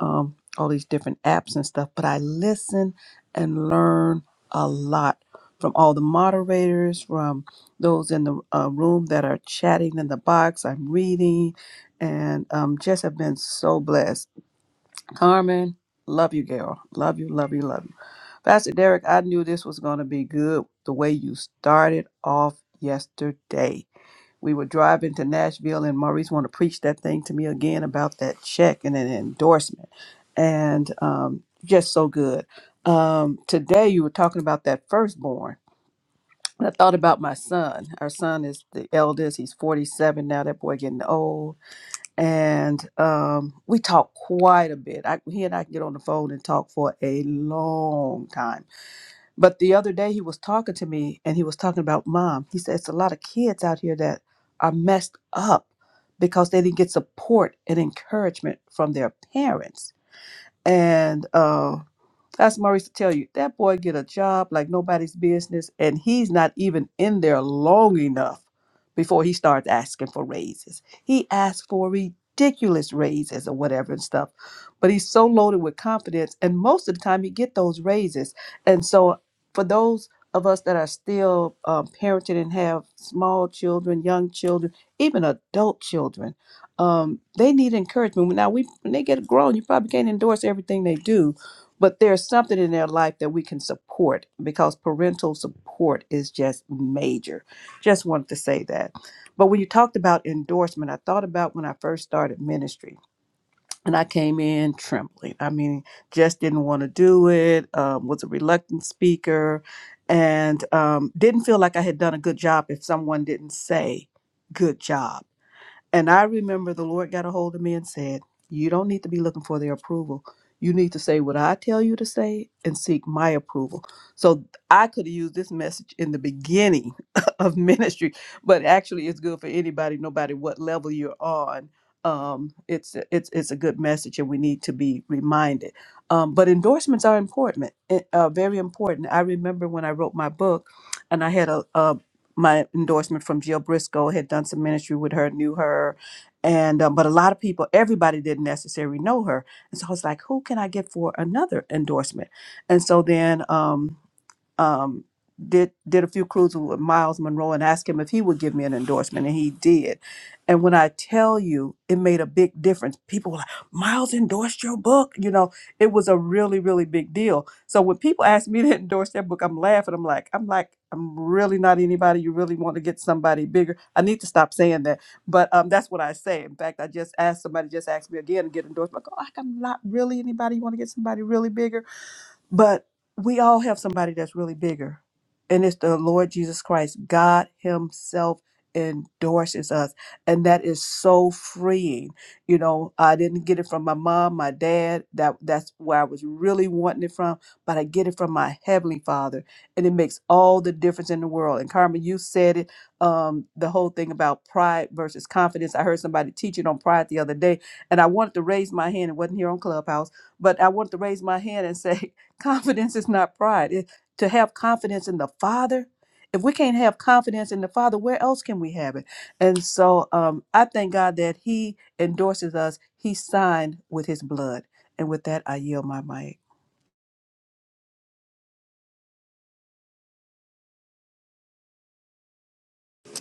S4: um, all these different apps and stuff, but I listen and learn a lot from all the moderators, from those in the uh, room that are chatting in the box. I'm reading and um, just have been so blessed. Carmen, love you, girl. Love you, love you, love you. Pastor Derek, I knew this was going to be good the way you started off yesterday. We were driving to Nashville, and Maurice wanted to preach that thing to me again about that check and an endorsement. And um, just so good. Um, today, you were talking about that firstborn. And I thought about my son. Our son is the eldest. He's 47 now. That boy getting old. And um, we talk quite a bit. I, he and I can get on the phone and talk for a long time but the other day he was talking to me and he was talking about mom. He said it's a lot of kids out here that are messed up because they didn't get support and encouragement from their parents. And uh, that's Maurice to tell you that boy get a job like nobody's business, and he's not even in there long enough before he starts asking for raises. He asks for ridiculous raises or whatever and stuff, but he's so loaded with confidence, and most of the time he get those raises. And so, for those of us that are still um, parenting and have small children, young children, even adult children, um, they need encouragement. Now, we when they get grown, you probably can't endorse everything they do but there's something in their life that we can support because parental support is just major. Just wanted to say that. But when you talked about endorsement, I thought about when I first started ministry and I came in trembling. I mean, just didn't want to do it, um, was a reluctant speaker, and um, didn't feel like I had done a good job if someone didn't say, good job and I remember the Lord got a hold of me and said, You don't need to be looking for their approval. You need to say what I tell you to say and seek my approval. So I could have used this message in the beginning of ministry, but actually it's good for anybody, no matter what level you're on. Um, it's it's it's a good message, and we need to be reminded. Um, but endorsements are important, eh, uh, very important. I remember when I wrote my book, and I had a, a my endorsement from Jill Briscoe had done some ministry with her, knew her, and uh, but a lot of people, everybody didn't necessarily know her, and so I was like, who can I get for another endorsement? And so then. Um, um, did did a few cruises with Miles Monroe and asked him if he would give me an endorsement, and he did. And when I tell you, it made a big difference. People were like, "Miles endorsed your book," you know. It was a really really big deal. So when people ask me to endorse their book, I'm laughing. I'm like, I'm like, I'm really not anybody. You really want to get somebody bigger? I need to stop saying that, but um, that's what I say. In fact, I just asked somebody just asked me again to get endorsement. I go, like, I'm not really anybody. You want to get somebody really bigger? But we all have somebody that's really bigger, and it's the Lord Jesus Christ. God Himself endorses us, and that is so freeing. You know, I didn't get it from my mom, my dad. That that's where I was really wanting it from, but I get it from my heavenly Father, and it makes all the difference in the world. And Carmen, you said it, um, the whole thing about pride versus confidence. I heard somebody teaching on pride the other day, and I wanted to raise my hand. It wasn't here on Clubhouse but I wanted to raise my hand and say, Confidence is not pride. It- to have confidence in the Father, if we can't have confidence in the Father, where else can we have it? And so um, I thank God that He endorses us. He signed with His blood. And with that, I yield my mic.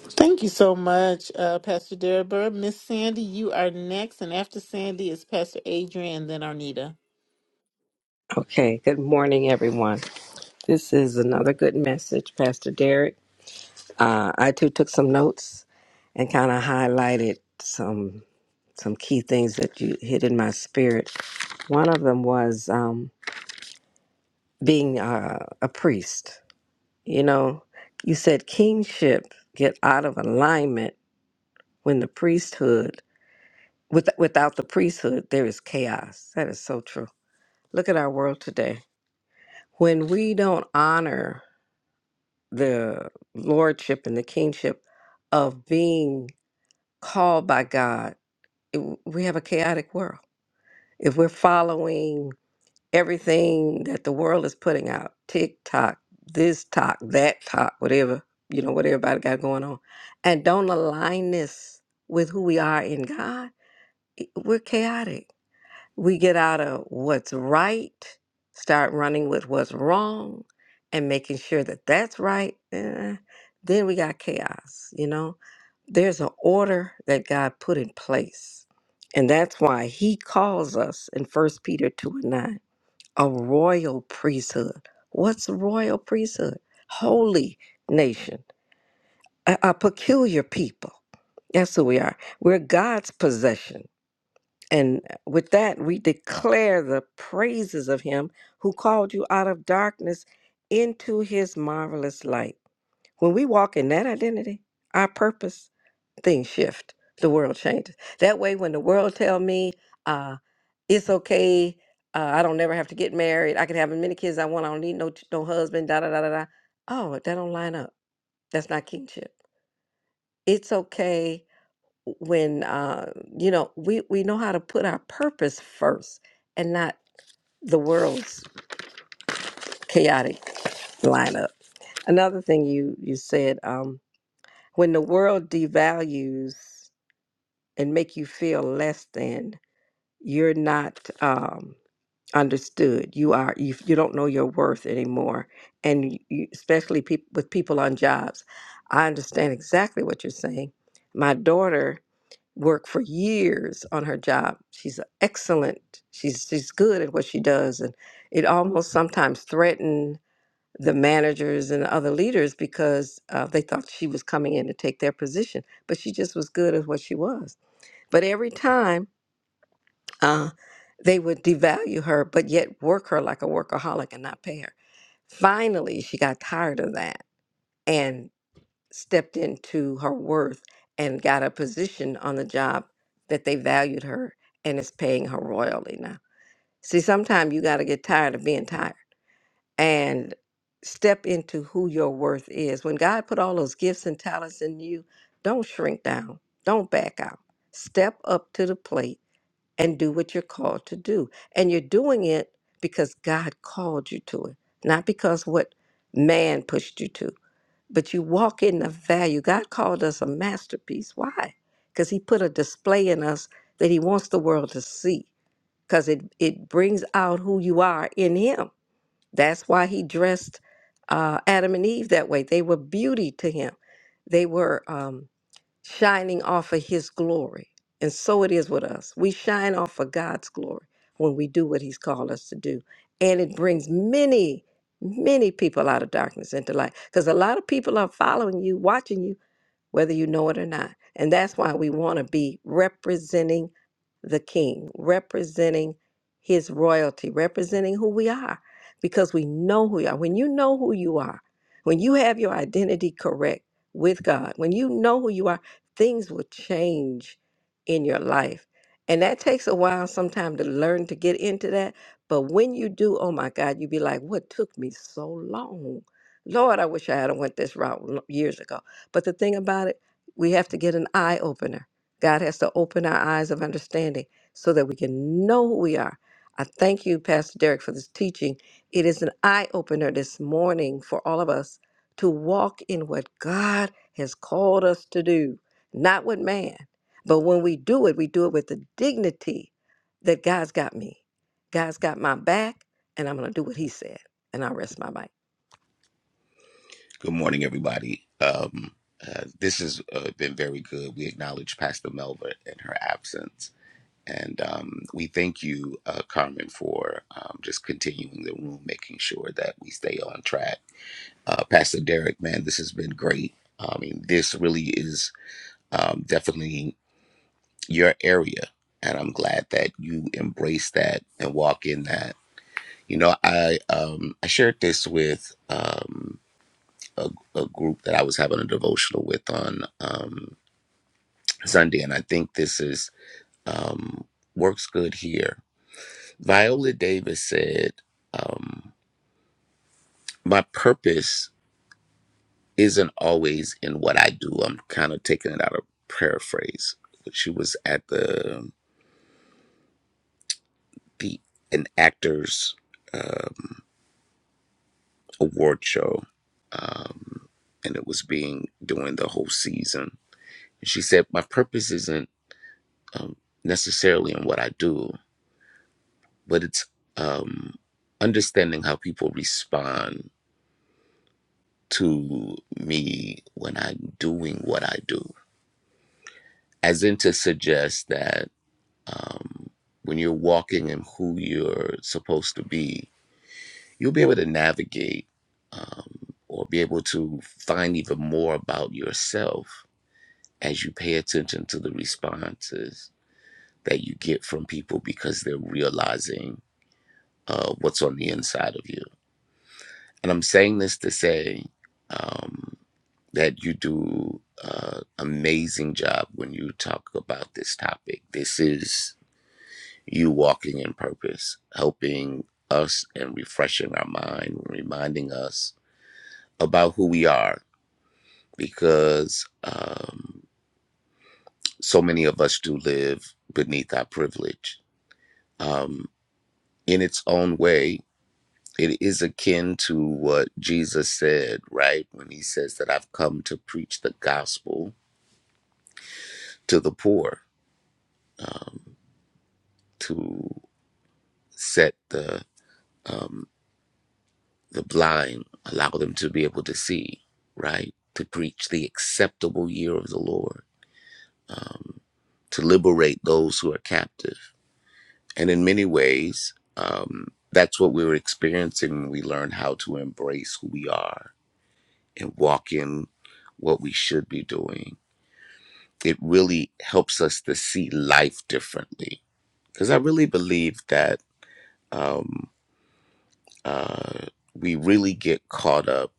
S1: Thank you so much, uh, Pastor Deborah. Miss Sandy, you are next, and after Sandy is Pastor Adrian, then Arnita.
S3: Okay, good morning, everyone. This is another good message, Pastor Derek. Uh, I too took some notes and kind of highlighted some some key things that you hit in my spirit. One of them was um, being uh, a priest. You know, you said kingship get out of alignment when the priesthood with, without the priesthood there is chaos. That is so true. Look at our world today. When we don't honor the lordship and the kingship of being called by God, it, we have a chaotic world. If we're following everything that the world is putting out, TikTok, this talk, that talk, whatever, you know, what everybody got going on, and don't align this with who we are in God, it- we're chaotic we get out of what's right, start running with what's wrong, and making sure that that's right, eh, then we got chaos, you know? There's an order that God put in place. And that's why he calls us in First Peter 2 and 9 a royal priesthood. What's a royal priesthood? Holy nation, a, a peculiar people. That's who we are. We're God's possession and uh, with that, we declare the praises of him who called you out of darkness into his marvelous light. When we walk in that identity, our purpose, things shift. The world changes. That way, when the world tell me uh, it's okay, uh, I don't never have to get married. I can have as many kids I want. I don't need no no husband. Da da da da da. Oh, that don't line up. That's not kingship. It's okay when uh, you know we we know how to put our purpose first and not the world's chaotic lineup. Another thing you you said um, when the world devalues and make you feel less than, you're not um, understood. You are you, you don't know your worth anymore, and you, especially peop with people on jobs. I understand exactly what you're saying. My daughter worked for years on her job. She's excellent. She's she's good at what she does, and it almost sometimes threatened the managers and other leaders because uh, they thought she was coming in to take their position. But she just was good at what she was. But every time uh, they would devalue her, but yet work her like a workaholic and not pay her. Finally, she got tired of that, and stepped into her worth and got a position on the job that they valued her and is paying her royally now. See, sometimes you got to get tired of being tired and step into who your worth is. When God put all those gifts and talents in you, don't shrink down, don't back out. Step up to the plate and do what you're called to do. And you're doing it because God called you to it, not because what man pushed you to but you walk in the value. God called us a masterpiece. Why? Because He put a display in us that He wants the world to see, because it, it brings out who you are in Him. That's why He dressed uh, Adam and Eve that way. They were beauty to Him, they were. Um, shining off of his glory. And so it is with us. We shine off of God's glory when we do what he's called us to do. And it brings many, many people out of darkness into light. Because a lot of people are following you, watching you whether you know it or not. And that's why we want to be representing the king, representing his royalty, representing who we are, because we know who we are. When you know who you are, when you have your identity correct with God, when you know who you are, things will change in your life. And that takes a while sometimes to learn to get into that. But when you do, oh my God, you be like, what took me so long? Lord, I wish I had went this route lo- years ago but the thing about it, we have to get an eye opener. God has to open our eyes of understanding so that we can know who we are. I thank you, Pastor Derek, for this teaching. It is an eye opener this morning for all of us to walk in what God has called us to do, not with man. But when we do it, we do it with the dignity that God's got me. God's got my back, and I'm going to do what He said. And I rest my mic.
S6: Good morning, everybody. Um, uh, this has uh, been very good. We acknowledge Pastor Melva in her absence. And um, we thank you, uh, Carmen, for um, just continuing the room, making sure that we stay on track. Uh, Pastor Derek, man, this has been great. I mean, this really is um, definitely your area. And I'm glad that you embrace that and walk in that. You know, I um, I shared this with. Um, a, a group that I was having a devotional with on um, Sunday, and I think this is um, works good here. Viola Davis said, um, "My purpose isn't always in what I do." I'm kind of taking it out of paraphrase. She was at the the an actors um, award show, um, and it was being during the whole season. She said, "My purpose isn't." Um, necessarily in what I do but it's um, understanding how people respond to me when I'm doing what I do, as in to suggest that um, when you're walking in who you're supposed to be, you'll be able to navigate um, or be able to find even more about yourself as you pay attention to the responses that you get from people because they're realizing uh, what's on the inside of you And I'm saying this to say um, that you do uh, amazing job when you talk about this topic. This is you walking in purpose, helping us and refreshing our mind, reminding us about who we are, because um, so many of us do live beneath our privilege. Um, in its own way, It is akin to what Jesus said, right? When he says that I've come to preach the gospel to the poor, um, to set the um, the blind, allow them to be able to see, right? To preach the acceptable year of the Lord, um, to liberate those who are captive. And in many ways, um, that's what we were experiencing when we learned how to embrace who we are and walk in what we should be doing it really helps us to see life differently. Because I really believe that um, uh, we really get caught up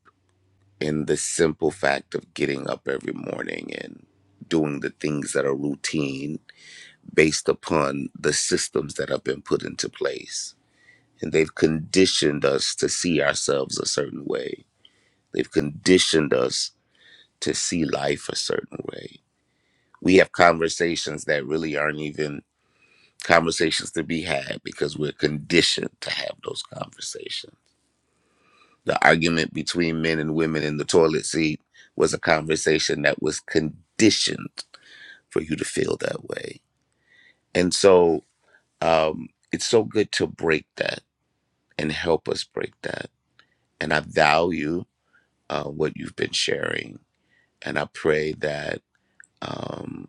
S6: in the simple fact of getting up every morning and doing the things that are routine based upon the systems that have been put into place. And they've conditioned us to see ourselves a certain way, they've conditioned us to see life a certain way. We have conversations that really aren't even conversations to be had because we're conditioned to have those conversations. The argument between men and women in the toilet seat was a conversation that was conditioned for you to feel that way. And so um, it's so good to break that and help us break that. And I value uh, what you've been sharing. And I pray that um,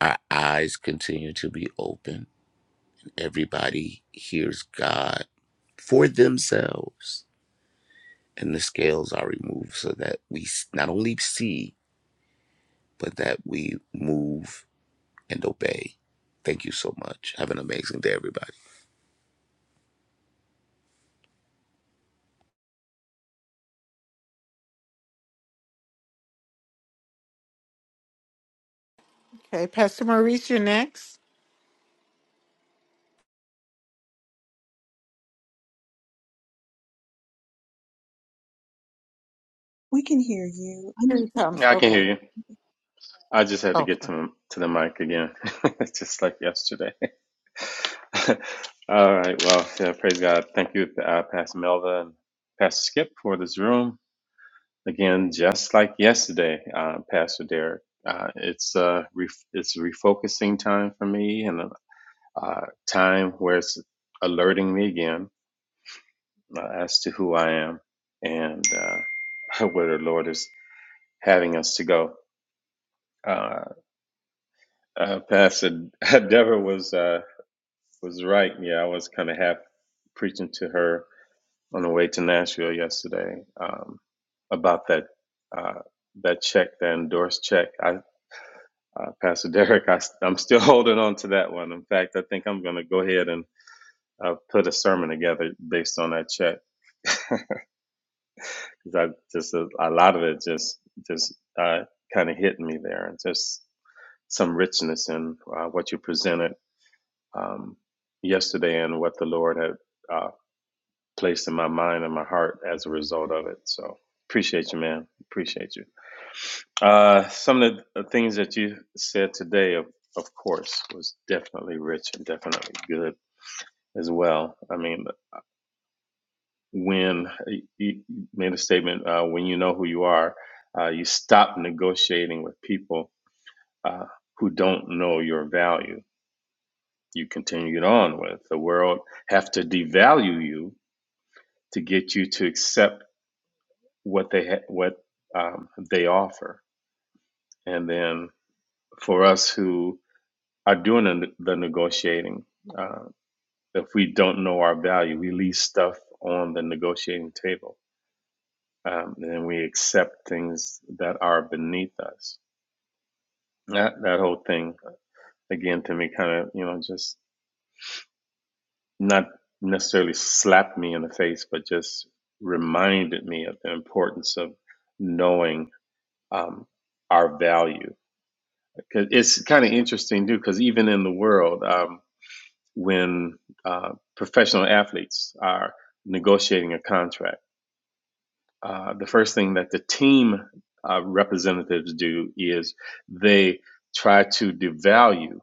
S6: our eyes continue to be open. Everybody hears God for themselves and the scales are removed so that we not only see, but that we move and obey. Thank you so much. Have an amazing day, everybody.
S1: Okay, Pastor Maurice, you're next.
S7: We can hear you. I
S1: Here
S7: mean,
S1: he comes.
S8: Yeah, I can hear
S1: Okay.
S8: you. I just had to
S1: Okay.
S8: get to to the mic again, just like yesterday. All right. Well, yeah, praise God. Thank you, uh, Pastor Melva and Pastor Skip, for this room. Again, just like yesterday, uh, Pastor Derek. Uh, it's uh, ref- it's refocusing time for me, and uh, time where it's alerting me again uh, as to who I am and uh, where the Lord is having us to go. Uh, Uh, Pastor Deborah was uh, was right. Yeah, I was kind of half preaching to her on the way to Nashville yesterday um, about that uh, that check, that endorsed check. I, uh, Pastor Derek, I, am still holding on to that one. In fact, I think I'm going to go ahead and uh, put a sermon together based on that check because I just a, a lot of it just just uh, kind of hit me there, and just some richness in uh, what you presented um, yesterday and what the Lord had uh, placed in my mind and my heart as a result of it. So appreciate you, man. Appreciate you. Uh, some of the things that you said today, of, of course, was definitely rich and definitely good as well. I mean, when you made a statement, uh, when you know who you are, uh, you stop negotiating with people uh, who don't know your value. You continue it on with the world have to devalue you to get you to accept what they ha- what um, they offer, and then for us who are doing the, the negotiating, uh, if we don't know our value, we leave stuff on the negotiating table, um, and we accept things that are beneath us. That that whole thing, again, to me, kind of you know just not necessarily slapped me in the face, but just reminded me of the importance of knowing um, our value Cause it's kind of interesting too, because even in the world, um, when uh, professional athletes are negotiating a contract, uh, the first thing that the team uh, representatives do is they try to devalue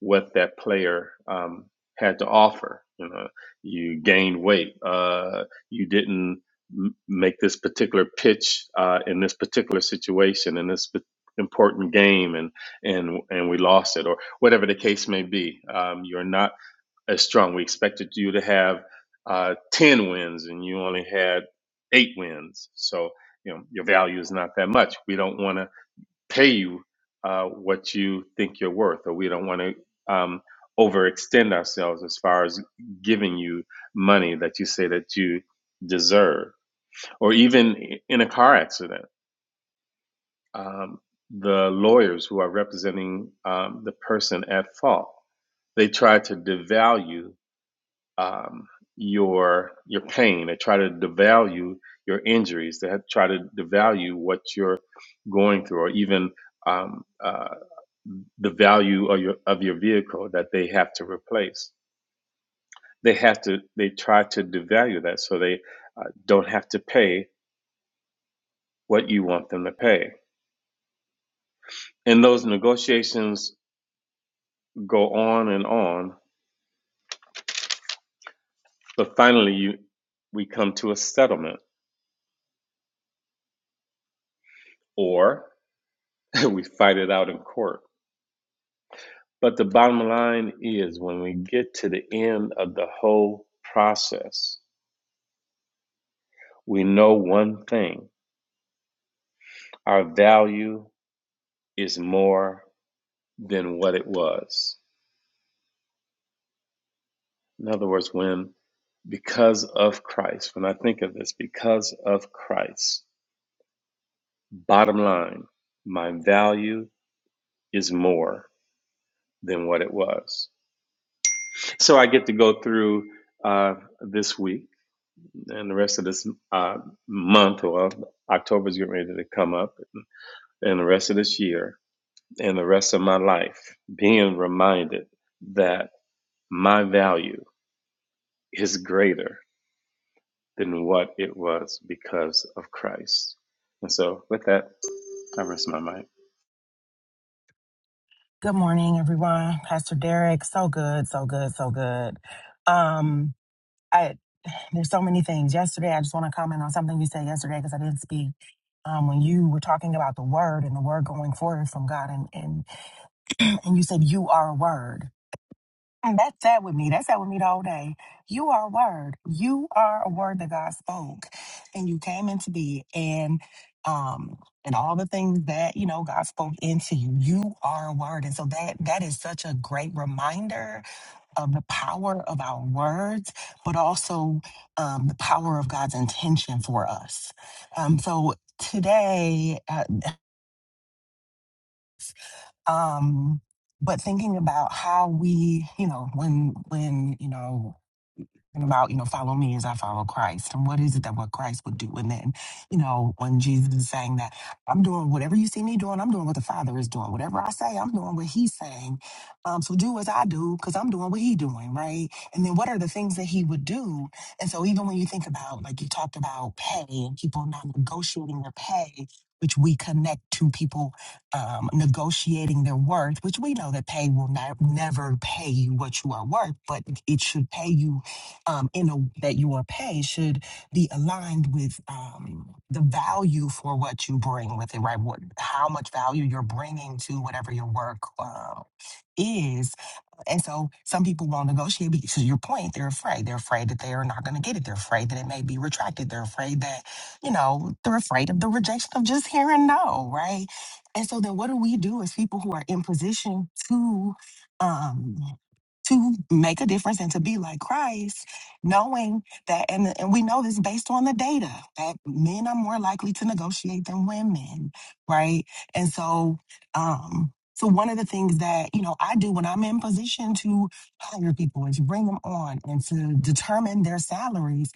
S8: what that player um, had to offer. You know, you gained weight. Uh, you didn't m- make this particular pitch uh, in this particular situation in this p- important game, and and and we lost it, or whatever the case may be. Um, you're not as strong. We expected you to have uh, ten wins, and you only had eight wins. So you know your value is not that much. We don't want to pay you uh, what you think you're worth, or we don't want to um, overextend ourselves as far as giving you money that you say that you deserve, or even in a car accident, um, the lawyers who are representing um, the person at fault they try to devalue um, your your pain, they try to devalue your injuries, they try to devalue what you're going through, or even um, uh, the value of your of your vehicle that they have to replace. They have to they try to devalue that so they uh, don't have to pay what you want them to pay. And those negotiations go on and on, but finally you we come to a settlement or we fight it out in court. But the bottom line is when we get to the end of the whole process, we know one thing. Our value is more than what it was In other words, when because of Christ, when I think of this, because of Christ, bottom line, my value is more than what it was. So I get to go through uh, this week and the rest of this uh, month, well, October's getting ready to come up, and the rest of this year and the rest of my life, being reminded that my value is greater than what it was because of Christ. And so, with that, I rest my mind.
S9: Good morning, everyone. Pastor Derek, so good, so good, so good. Um, I there's so many things. Yesterday, I just want to comment on something you said yesterday because I didn't speak. Um, when you were talking about the word and the word going forward from God, and and and you said you are a word, Mm, That's that sat with me. That's that sat with me the whole day. You are a word. You are a word that God spoke, and you came into being, and um, and all the things that you know God spoke into you. You are a word, and so that that is such a great reminder of the power of our words, but also um, the power of God's intention for us. Um, so today, uh, um, but thinking about how we, you know, when when you know. talking about, you know, follow me as I follow Christ. And what is it that what Christ would do? And then, you know, when Jesus is saying that, I'm doing whatever you see me doing, I'm doing what the Father is doing. Whatever I say, I'm doing what he's saying. Um, so do as I do, because I'm doing what he's doing, right? And then what are the things that he would do? And so even when you think about, like you talked about pay and people not negotiating their pay, which we connect to people um, negotiating their worth, which we know that pay will not, never pay you what you are worth, but it should pay you um, in a, that you are paid should be aligned with um, the value for what you bring with it, right? What, how much value you're bringing to whatever your work uh, is. And so some people won't negotiate because to your point, they're afraid. They're afraid that they are not going to get it. They're afraid that it may be retracted. They're afraid that, you know, they're afraid of the rejection of just hearing no, right? And so then what do we do as people who are in position to? um to make a difference and to be like Christ, knowing that, and, and we know this based on the data that men are more likely to negotiate than women, right? And so, um, so one of the things that you know I do when I'm in position to hire people and to bring them on and to determine their salaries,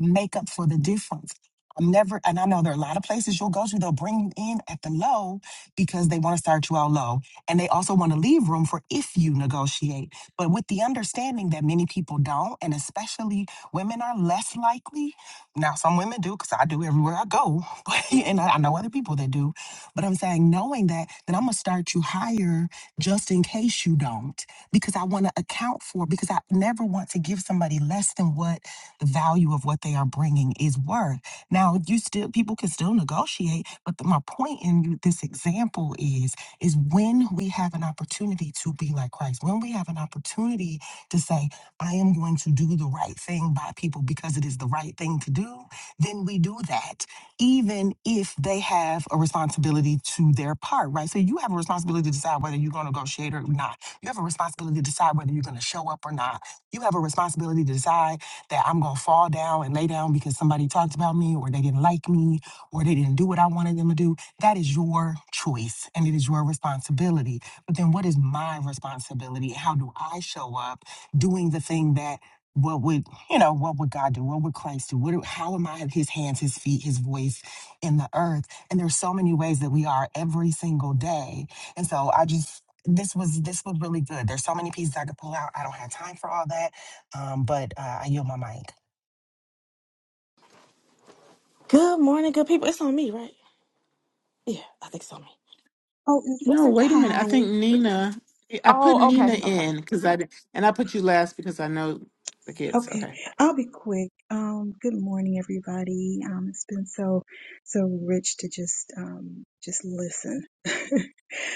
S9: make up for the difference. I'm never, and I know there are a lot of places you'll go to. They'll bring you in at the low because they want to start you out low, and they also want to leave room for if you negotiate but with the understanding that many people don't, and especially women are less likely. Now, some women do, because I do everywhere I go, but- and I I know other people that do. But I'm saying, knowing that, then I'm gonna start you higher just in case you don't, because I want to account for, because I never want to give somebody less than what the value of what they are bringing is worth. Now, you still people can still negotiate, but the, my point in you- this example is is when we have an opportunity to be like Christ, when we have an opportunity to say, I am going to do the right thing by people because it is the right thing to do, then we do that, even if they have a responsibility to their part, right? So you have a responsibility to decide whether you're going to negotiate or not. You have a responsibility to decide whether you're going to show up or not. You have a responsibility to decide that I'm going to fall down and lay down because somebody talked about me or they didn't like me or they didn't do what I wanted them to do that is your choice and it is your responsibility. But then what is my responsibility? How do I show up doing the thing that what would you know what would god do what would christ do what do, how am i his hands his feet his voice in the earth and there's so many ways that we are every single day and so i just this was this was really good there's so many pieces i could pull out i don't have time for all that um, but uh, i yield my mic
S2: Good morning, good people. It's on me, right? Yeah, I think it's on me.
S7: oh, it's,
S2: What's
S1: No,
S2: it?
S1: wait a minute. I
S7: hi.
S1: think Nina, I put
S2: Oh,
S1: Nina
S2: okay, okay.
S1: in because I did, and I put you last because I know the kids.
S7: Okay,
S1: Okay.
S7: I'll be quick. Um, good morning, everybody. Um, it's been so, so rich to just, um, just listen, to,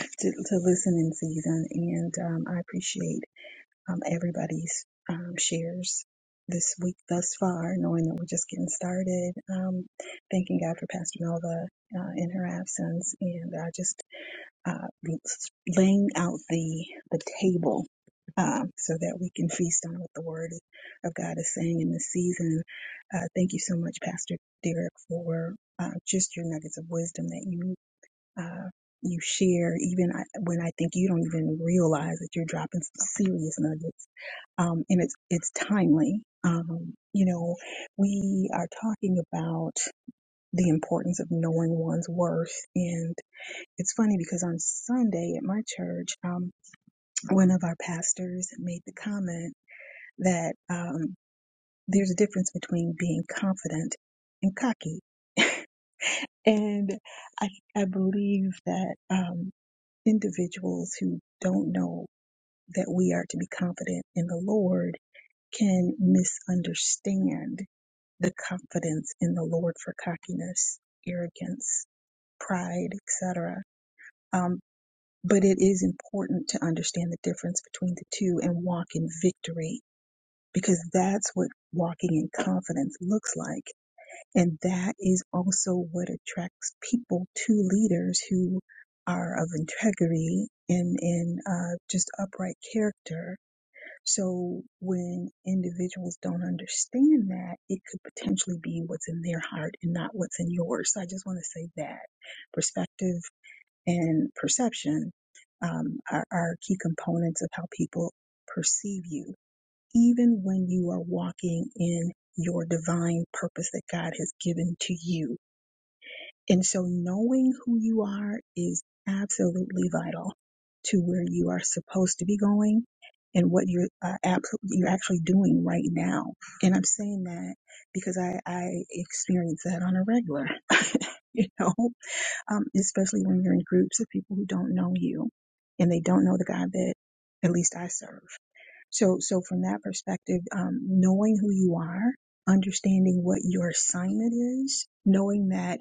S7: to listen in season, and um, I appreciate um everybody's um shares this week thus far, knowing that we're just getting started. Um, thanking God for Pastor Melva uh, in her absence, and I just uh, laying out the the table um, so that we can feast on what the Word of God is saying in this season. Uh, thank you so much, Pastor Derek, for uh, just your nuggets of wisdom that you uh, you share, even I, when I think you don't even realize that you're dropping some serious nuggets. Um, and it's it's timely. Um, you know, we are talking about the importance of knowing one's worth and. It's funny because on Sunday at my church, um, one of our pastors made the comment that um, there's a difference between being confident and cocky. And I, I believe that um, individuals who don't know that we are to be confident in the Lord can misunderstand the confidence in the Lord for cockiness, arrogance, pride, etc. But it is important to understand the difference between the two and walk in victory because that's what walking in confidence looks like. And that is also what attracts people to leaders who are of integrity and, and uh, just upright character. So when individuals don't understand that, it could potentially be what's in their heart and not what's in yours. So I just want to say that perspective and perception um, are, are key components of how people perceive you, even when you are walking in your divine purpose that God has given to you. And so knowing who you are is absolutely vital to where you are supposed to be going and what you're uh, abso- you're actually doing right now. And I'm saying that because I, I experience that on a regular, you know, um, especially when you're in groups of people who don't know you and they don't know the God that at least I serve. So, so from that perspective, um, knowing who you are, understanding what your assignment is, knowing that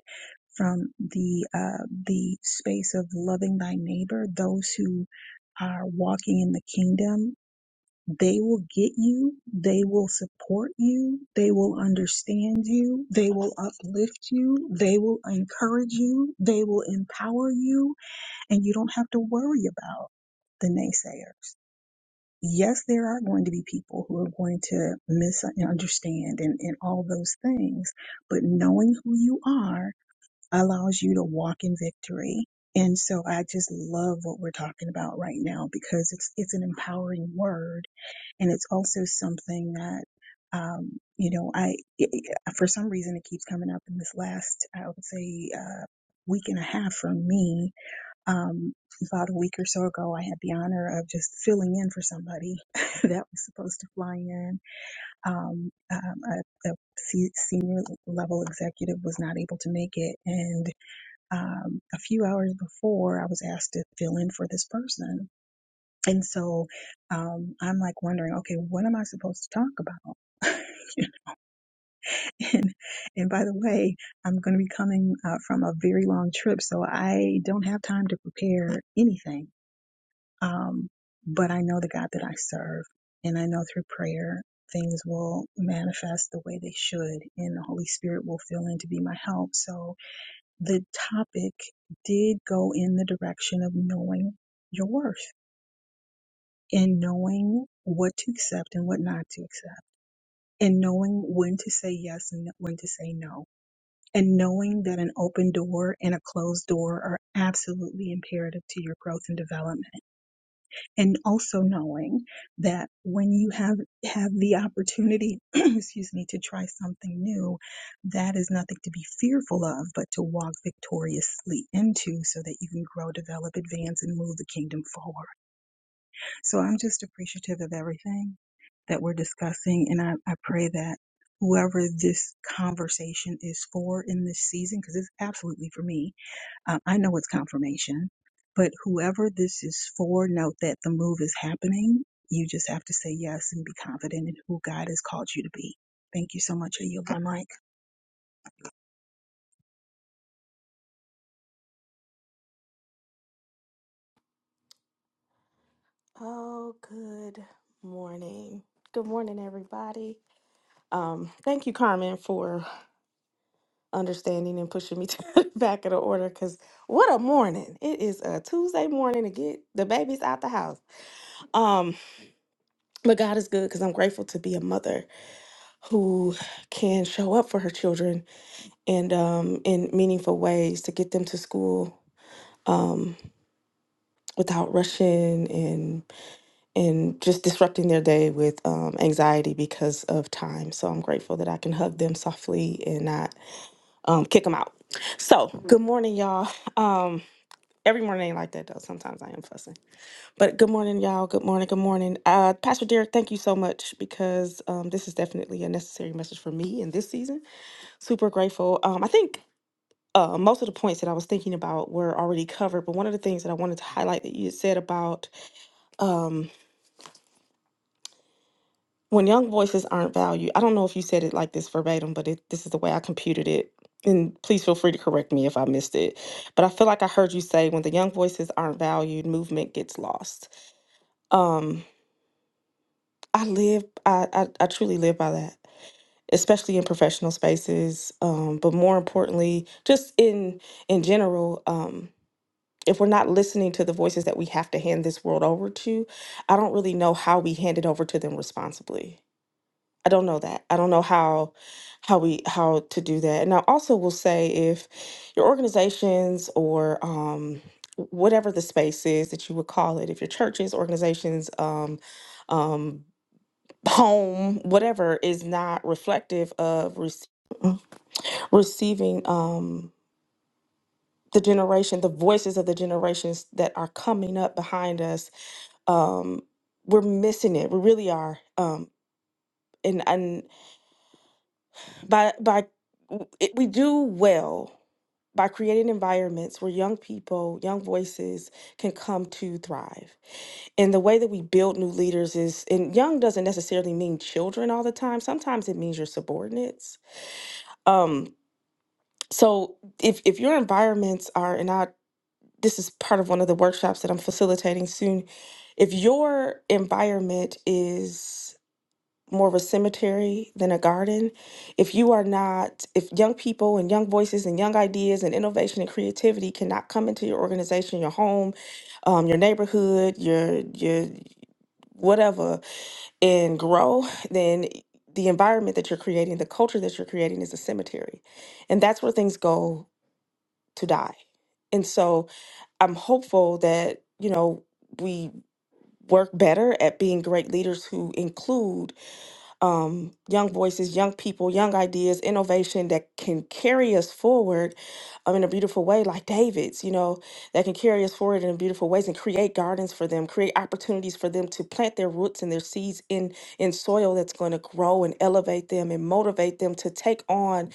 S7: from the uh, the space of loving thy neighbor, those who are walking in the kingdom they will get you. They will support you. They will understand you. They will uplift you. They will encourage you. They will empower you. And you don't have to worry about the naysayers. Yes, there are going to be people who are going to misunderstand and, and all those things, but knowing who you are allows you to walk in victory. And so I just love what we're talking about right now because it's, it's an empowering word and it's also something that um, you know I it, it- uh, for some reason it keeps coming up in this last I would say uh, week and a half for me. Um, about a week or so ago, I had the honor of just filling in for somebody that was supposed to fly in. Um, um, a, a se- senior level executive was not able to make it, and um, a few hours before, I was asked to fill in for this person and so um, I'm like wondering, okay, what am I supposed to talk about? and, and by the way, I'm going to be coming uh, from a very long trip, so I don't have time to prepare anything. Um, but I know the God that I serve, and I know through prayer things will manifest the way they should, and the Holy Spirit will fill in to be my help. So the topic did go in the direction of knowing your worth and knowing what to accept and what not to accept, and knowing when to say yes and when to say no, and knowing that an open door and a closed door are absolutely imperative to your growth and development, and also knowing that when you have have the opportunity, excuse me, to try something new, that is nothing to be fearful of, but to walk victoriously into so that you can grow, develop, advance, and move the kingdom forward. So I'm just appreciative of everything that we're discussing. And I, I pray that whoever this conversation is for in this season, because it's absolutely for me, um, I know it's confirmation, but whoever this is for, note that the move is happening. You just have to say yes and be confident in who God has called you to be. Thank you so much. I yield my mic.
S2: Oh, good morning. Good morning, everybody. Um, thank you, Carmen, for understanding and pushing me to the back of the order because what a morning. It is a Tuesday morning to get the babies out the house. Um, but God is good because I'm grateful to be a mother who can show up for her children and um in meaningful ways to get them to school. Um. without rushing and and just disrupting their day with um, anxiety because of time. So I'm grateful that I can hug them softly and not um, kick them out. So good morning, y'all. Um, every morning ain't like that though. Sometimes I am fussing, but good morning, y'all. Good morning. Good morning, uh, Pastor Derek. Thank you so much because um, this is definitely a necessary message for me in this season. Super grateful. Um, I think. Uh, most of the points that I was thinking about were already covered, but one of the things that I wanted to highlight that you had said about um, when young voices aren't valued, I don't know if you said it like this verbatim, but it, this is the way I computed it. And please feel free to correct me if I missed it. But I feel like I heard you say when the young voices aren't valued, movement gets lost. Um, I live, I, I, I truly live by that, especially in professional spaces. Um, but more importantly, just in in general, um, if we're not listening to the voices that we have to hand this world over to, I don't really know how we hand it over to them responsibly I don't know that. I don't know how how we how to do that. And I also will say if your organizations or um whatever the space is that you would call it, if your churches, organizations, um um home, whatever is not reflective of rece- receiving um the generation, the voices of the generations that are coming up behind us, um, we're missing it. We really are. Um, and and by by it, we do well by creating environments where young people, young voices can come to thrive. And the way that we build new leaders is, and young doesn't necessarily mean children all the time. Sometimes it means your subordinates. Um, so if if your environments are, and I this is part of one of the workshops that I'm facilitating soon. If your environment is more of a cemetery than a garden. If you are not, if young people and young voices and young ideas and innovation and creativity cannot come into your organization, your home, um, your neighborhood, your your whatever, and grow, then the environment that you're creating, the culture that you're creating, is a cemetery, and that's where things go to die. And so I'm hopeful that you know we work better at being great leaders who include um, young voices, young people, young ideas, innovation that can carry us forward um, in a beautiful way, like David's, you know, that can carry us forward in beautiful ways and create gardens for them, create opportunities for them to plant their roots and their seeds in in soil that's going to grow and elevate them and motivate them to take on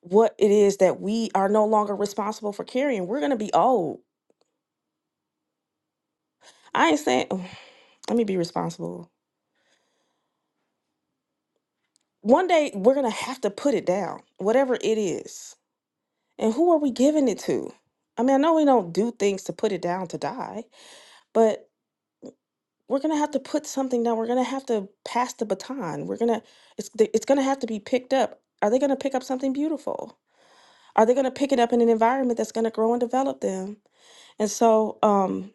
S2: what it is that we are no longer responsible for carrying. We're going to be old. I ain't saying, let me be responsible. One day we're going to have to put it down, whatever it is And who are we giving it to? I mean, I know we don't do things to put it down to die, but we're gonna have to put something down. We're gonna have to pass the baton. We're gonna it's it's gonna have to be picked up. Are they gonna pick up something beautiful? Are they gonna pick it up in an environment that's gonna grow and develop them? And so, um,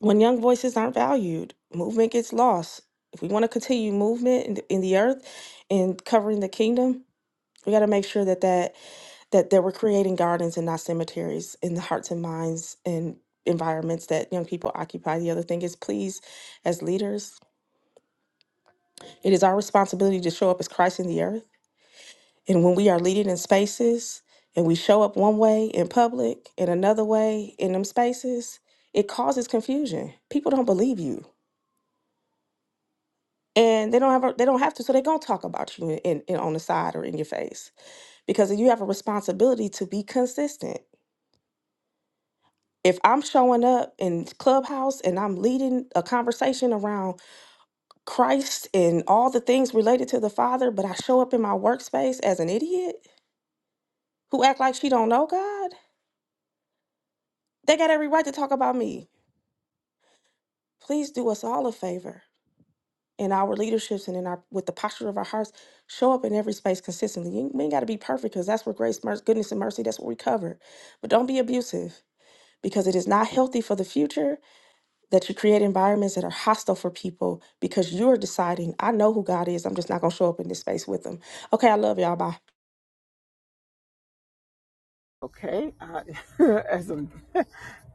S2: when young voices aren't valued, movement gets lost. If we want to continue movement in the, in the earth and covering the kingdom, we got to make sure that that that they were creating gardens and not cemeteries in the hearts and minds and environments that young people occupy. The other thing is, please, as leaders, it is our responsibility to show up as Christ in the earth. And when we are leading in spaces and we show up one way in public and another way in them spaces, it causes confusion. People don't believe you. And they don't have a, they don't have to, so they're gonna talk about you in, in on the side or in your face because you have a responsibility to be consistent if I'm showing up in Clubhouse and I'm leading a conversation around Christ and all the things related to the Father, but I show up in my workspace as an idiot who act like she don't know God, they got every right to talk about me. Please do us all a favor in our leaderships and in our with the posture of our hearts, show up in every space consistently. You we ain't got to be perfect because that's where grace, mercy, goodness, and mercy. That's what we cover. But don't be abusive because it is not healthy for the future that you create environments that are hostile for people because you're deciding, I know who God is. I'm just not going to show up in this space with them. Okay, I love y'all. Bye.
S1: Okay. Uh, as a,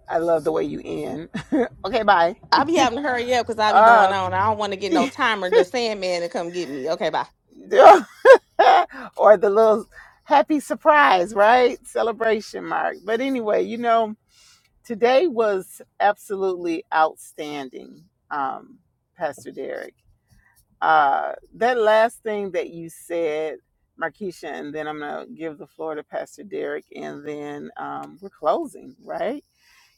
S1: I love the way you end. okay, bye.
S2: I be having to hurry up because I be going
S1: Uh,
S2: on. I don't want to get no timer, the Sandman to come get me. Okay, bye.
S1: or the little happy surprise, right? Celebration mark. But anyway, you know, today was absolutely outstanding, um, Pastor Derek. Uh, that last thing that you said, Markeisha, and then I'm going to give the floor to Pastor Derek, and then um, we're closing, right?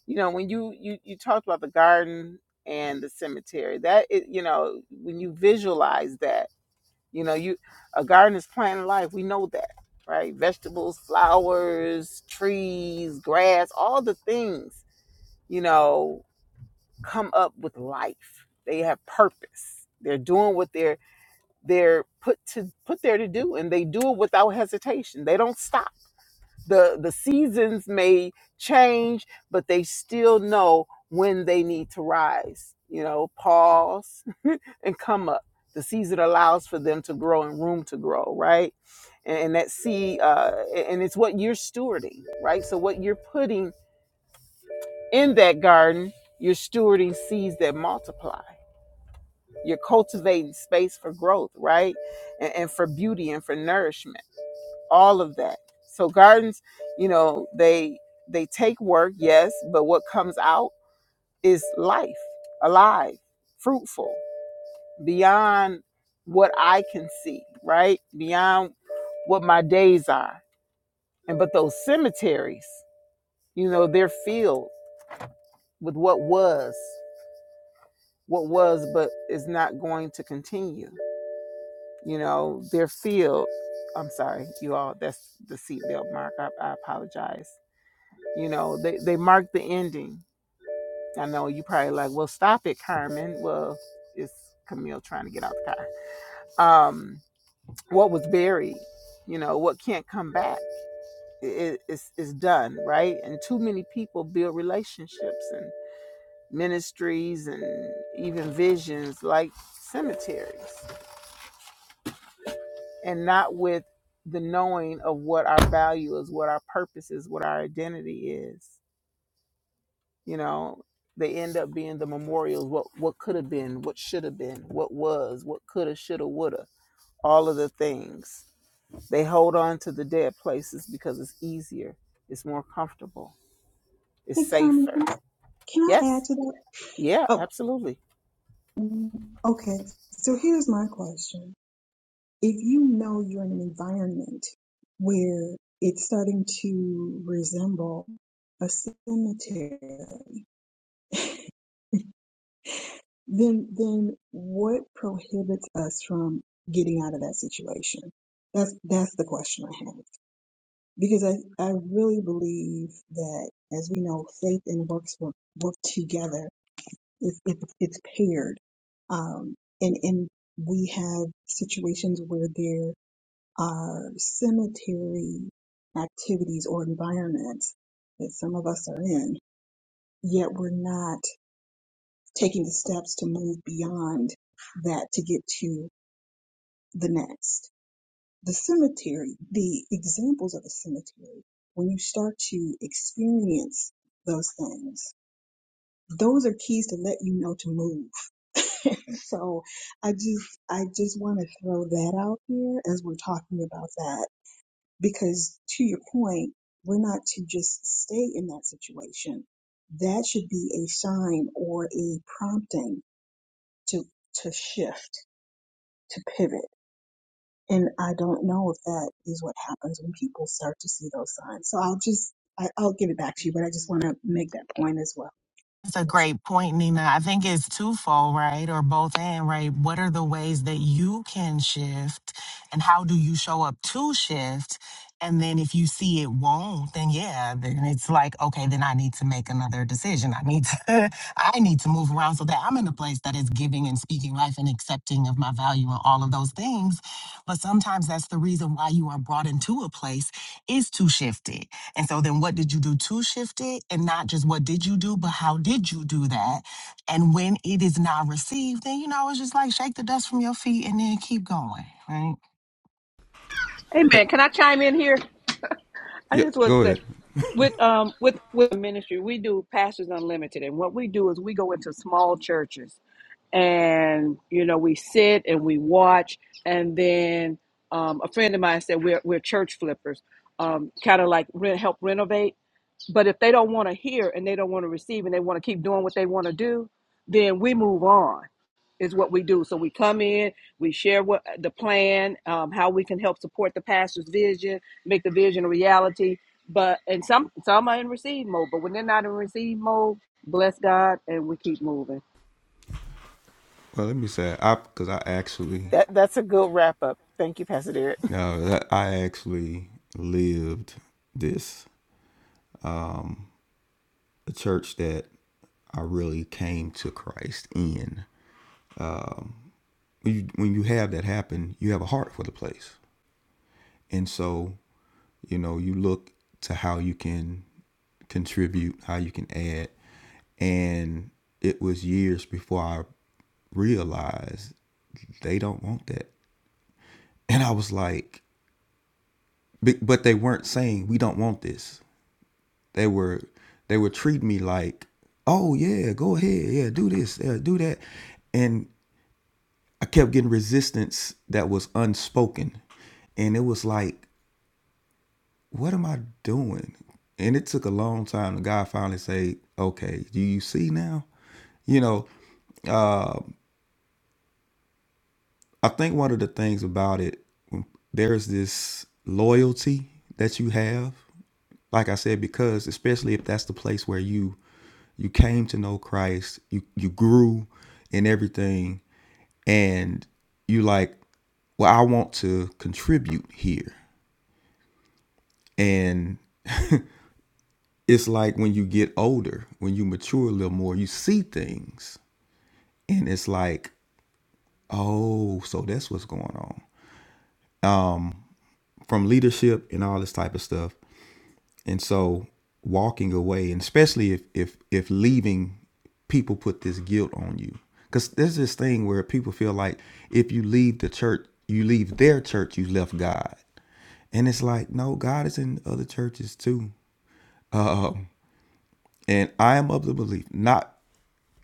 S1: You know, when you, you, you talked about the garden and the cemetery, that, is, you know, when you visualize that, you know, you a garden is plant life. We know that, right? Vegetables, flowers, trees, grass, all the things, you know, come up with life. They have purpose. They're doing what they're they're put to put there to do and they do it without hesitation they don't stop the the seasons may change but they still know when they need to rise you know pause and come up the season allows for them to grow and room to grow right and, and that seed uh and it's what you're stewarding right so what you're putting in that garden you're stewarding seeds that multiply you're cultivating space for growth right and, and for beauty and for nourishment all of that. So gardens, you know, they they take work, yes, but what comes out is life, alive, fruitful, beyond what I can see, right? Beyond what my days are. And but those cemeteries, you know, they're filled with what was, what was but is not going to continue. You know, they're filled. I'm sorry, you all, that's the seatbelt mark. I, I apologize You know, they, they mark the ending. I know you probably like, well, stop it, Carmen. Well, it's Camille trying to get out the car. Um, what was buried, you know, what can't come back is is is done, right? And too many people build relationships and ministries and even visions like cemeteries, and not with the knowing of what our value is, what our purpose is, what our identity is. you know they end up being the memorials what what could have been what should have been what was what could have should have would have all of the things they hold on to the dead places because it's easier it's more comfortable it's
S7: Hey, Carmen,
S1: safer
S7: can I, can I add
S1: yes
S7: to that?
S1: yeah absolutely
S7: Oh, okay. So here's my question. if you know you're in an environment where it's starting to resemble a cemetery, then then what prohibits us from getting out of that situation? That's that's the question I have because I I really believe that as we know, faith and works work, work together. It's it, it's it's paired, um, and and we have situations where there our cemetery activities or environments that some of us are in, yet we're not taking the steps to move beyond that to get to the next. The cemetery, the examples of the cemetery, when you start to experience those things, those are keys to let you know to move. so I just I just want to throw that out here as we're talking about that Because to your point, we're not to just stay in that situation. That should be a sign or a prompting to, to shift, to pivot. And I don't know if that is what happens when people start to see those signs. So I'll just, I, I'll give it back to you, but I just want to make that point as well.
S9: That's a great point, Nina. I think it's twofold, right? Or both and, right? What are the ways that you can shift and how do you show up to shift? And then if you see it won't, then yeah, then it's like, okay, then I need to make another decision. I need to I need to move around so that I'm in a place that is giving and speaking life and accepting of my value and all of those things. But sometimes that's the reason why you are brought into a place is to shift it and so then what did you do to shift it? And not just what did you do, but how did you do that? And when it is not received, then you know, it's just like shake the dust from your feet and then keep going, right?
S4: Amen. Can I chime in here? I
S5: Yeah,
S4: just want to
S5: go
S4: say
S5: ahead.
S4: with um with with ministry, we do Pastors Unlimited, and what we do is we go into small churches and you know we sit and we watch and then um, a friend of mine said we're, we're church flippers um, kind of like re- help renovate but if they don't want to hear and they don't want to receive and they want to keep doing what they want to do then we move on is what we do so we come in we share what the plan um, how we can help support the pastor's vision make the vision a reality but and some some are in receive mode but when they're not in receive mode bless god and we keep moving
S5: Well, let me say, I because I actually
S1: that that's a good wrap up thank you pastor derek
S5: No, that I actually lived this. Um, the church that I really came to Christ in. When you, when you have that happen, you have a heart for the place, and so you know you look to how you can contribute, how you can add, and it was years before I realized they don't want that, and I was like, but but they weren't saying we don't want this. They were they would treat me like, oh yeah, go ahead, yeah, do this, yeah, do that, and I kept getting resistance that was unspoken, and it was like, what am I doing? And it took a long time. The guy finally said, okay, do you see now? You know, I think one of the things about it, there's this loyalty that you have Like I said, because especially if that's the place where you you came to know Christ, you you grew in everything, and you like, well, I want to contribute here. And it's like when you get older, when you mature a little more, you see things, and it's like, oh, so that's what's going on from leadership and all this type of stuff. And so walking away, and especially if if if leaving, people put this guilt on you. Cause there's this thing where people feel like if you leave the church, you leave their church, you left God. And it's like, no, God is in other churches too. And I am of the belief, not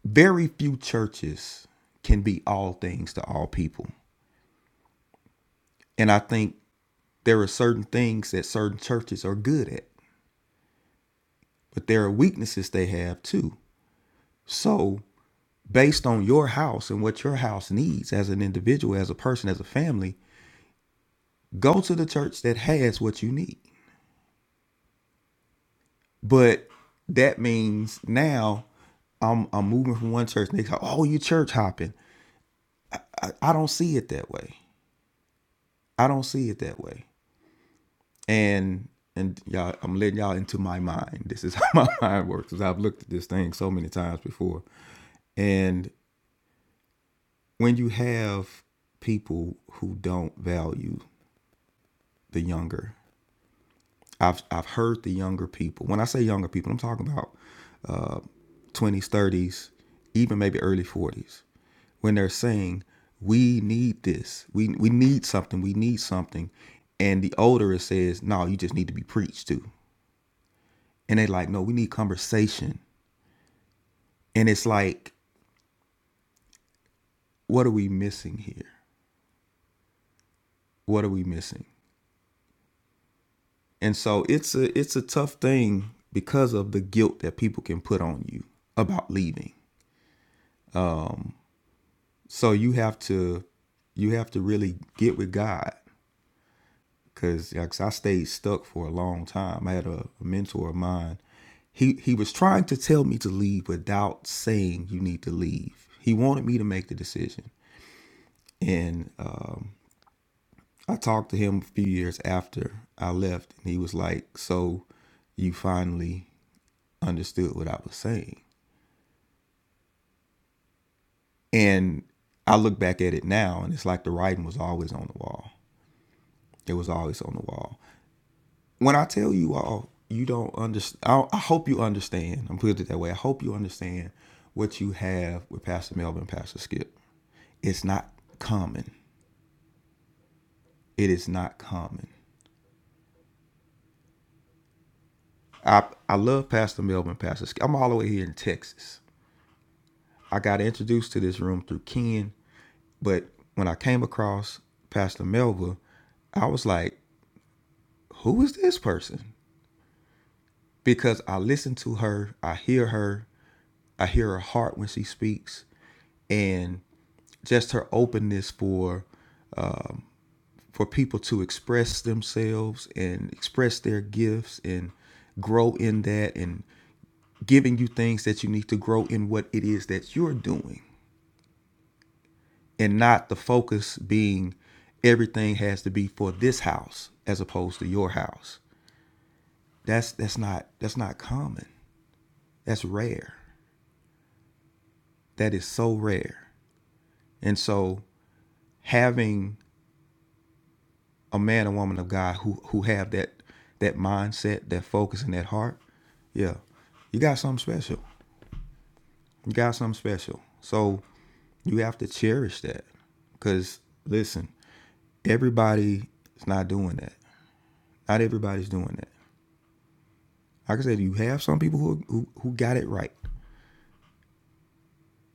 S5: very few churches can be all things to all people. And I think there are certain things that certain churches are good at, but there are weaknesses they have too. So based on your house and what your house needs as an individual, as a person, as a family, go to the church that has what you need. But that means now I'm I'm moving from one church and they go, Oh, you church hopping. I don't see it that way. I don't see it that way. And and y'all I'm letting y'all into my mind. This is how my mind works because I've looked at this thing so many times before. And when you have people who don't value the younger, I've I've heard the younger people. When I say younger people, I'm talking about uh, twenties, thirties, even maybe early forties, when they're saying we need this, we we need something, we need something, and the older it says, no, you just need to be preached to, and they like, no, we need conversation, and it's like, what are we missing here? What are we missing? And so it's a it's a tough thing because of the guilt that people can put on you about leaving So you have to you have to really get with God because I stayed stuck for a long time. I had a, a mentor of mine. He he was trying to tell me to leave without saying you need to leave. He wanted me to make the decision. And uh, I talked to him a few years after I left, and he was like, "So you finally understood what I was saying." And I look back at it now, and it's like the writing was always on the wall. It was always on the wall when I tell you all, you don't understand. I, I hope you understand. I'm putting it that way. I hope you understand what you have with Pastor Melvin, and Pastor Skip. It's not common. It is not common. I I love Pastor Melvin, and Pastor Skip. I'm all the way here in Texas. I got introduced to this room through Ken, but when I came across Pastor Melvin, I was like, who is this person? Because I listen to her, I hear her, I hear her heart when she speaks, and just her openness for for people to express themselves and express their gifts and grow in that and giving you things that you need to grow in what it is that you're doing and not the focus being everything has to be for this house as opposed to your house that's that's not that's not common that's rare that is so rare and so having a man and woman of God who who have that that mindset, that focus, and that heart, yeah, you got something special. You got something special. So you have to cherish that. Cause listen, everybody is not doing that. Not everybody's doing that. Like I said, you have some people who who, who got it right,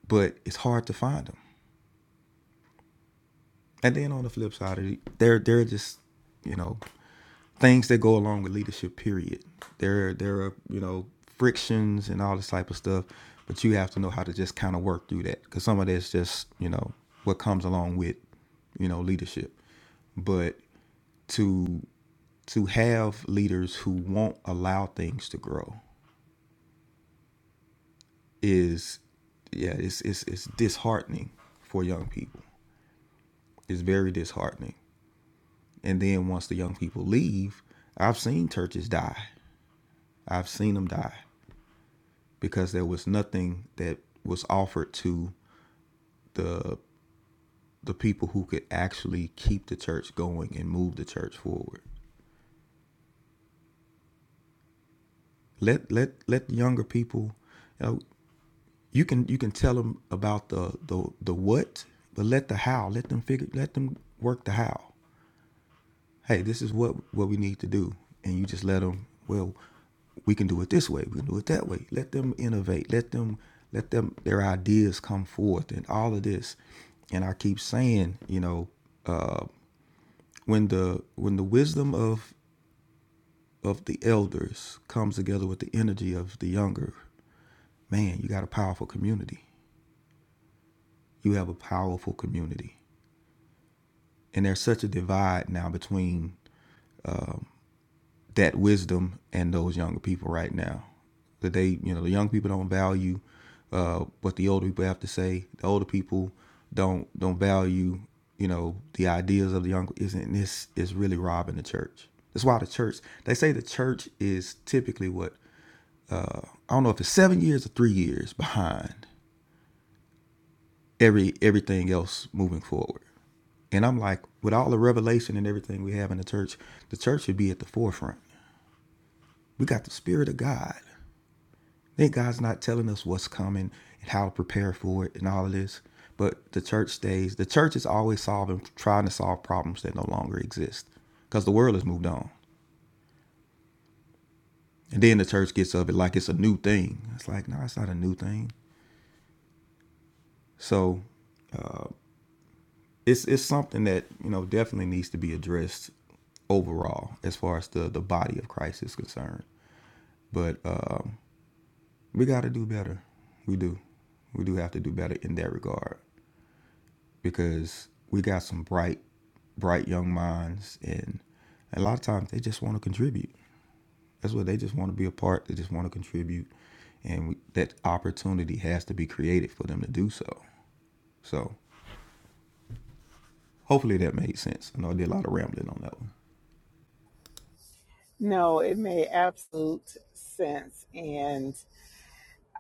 S5: but it's hard to find them. And then on the flip side of it, they're they're just you know things that go along with leadership period there there are you know frictions and all this type of stuff but you have to know how to just kind of work through that because some of that's just you know what comes along with you know leadership but to to have leaders who won't allow things to grow is yeah it's it's, it's disheartening for young people it's very disheartening and then once the young people leave i've seen churches die i've seen them die because there was nothing that was offered to the the people who could actually keep the church going and move the church forward. Let let let younger people, you, know, you can you can tell them about the the the what, but let the how. Let them figure. Let them work the how. hey, this is what what we need to do, and you just let them. Well, we can do it this way. We can do it that way. Let them innovate. Let them let them their ideas come forth, and all of this. And I keep saying, you know, when the when the wisdom of of the elders comes together with the energy of the younger, man, you got a powerful community. You have a powerful community, and there's such a divide now between that wisdom and those younger people right now. That they, you know, the young people don't value uh, what the older people have to say. The older people don't don't value, you know, the ideas of the young. Isn't this is really robbing the church? That's why the church. They say the church is typically what I don't know if it's seven years or three years behind every everything else moving forward. And I'm like, with all the revelation and everything we have in the church, the church should be at the forefront. We got the Spirit of God. Then God's not telling us what's coming and how to prepare for it and all of this. But the church stays. The church is always solving, trying to solve problems that no longer exist because the world has moved on. And then the church gets of it like it's a new thing. It's like, no, it's not a new thing. So it's it's something that you know definitely needs to be addressed overall as far as the the body of Christ is concerned. But um, we got to do better. We do. We do have to do better in that regard. because we got some bright, bright young minds, and a lot of times they just want to contribute. That's what they just want to be a part. They just want to contribute, and we, that opportunity has to be created for them to do so. So hopefully that made sense. I know I did a lot of rambling on that one.
S1: no it made absolute sense and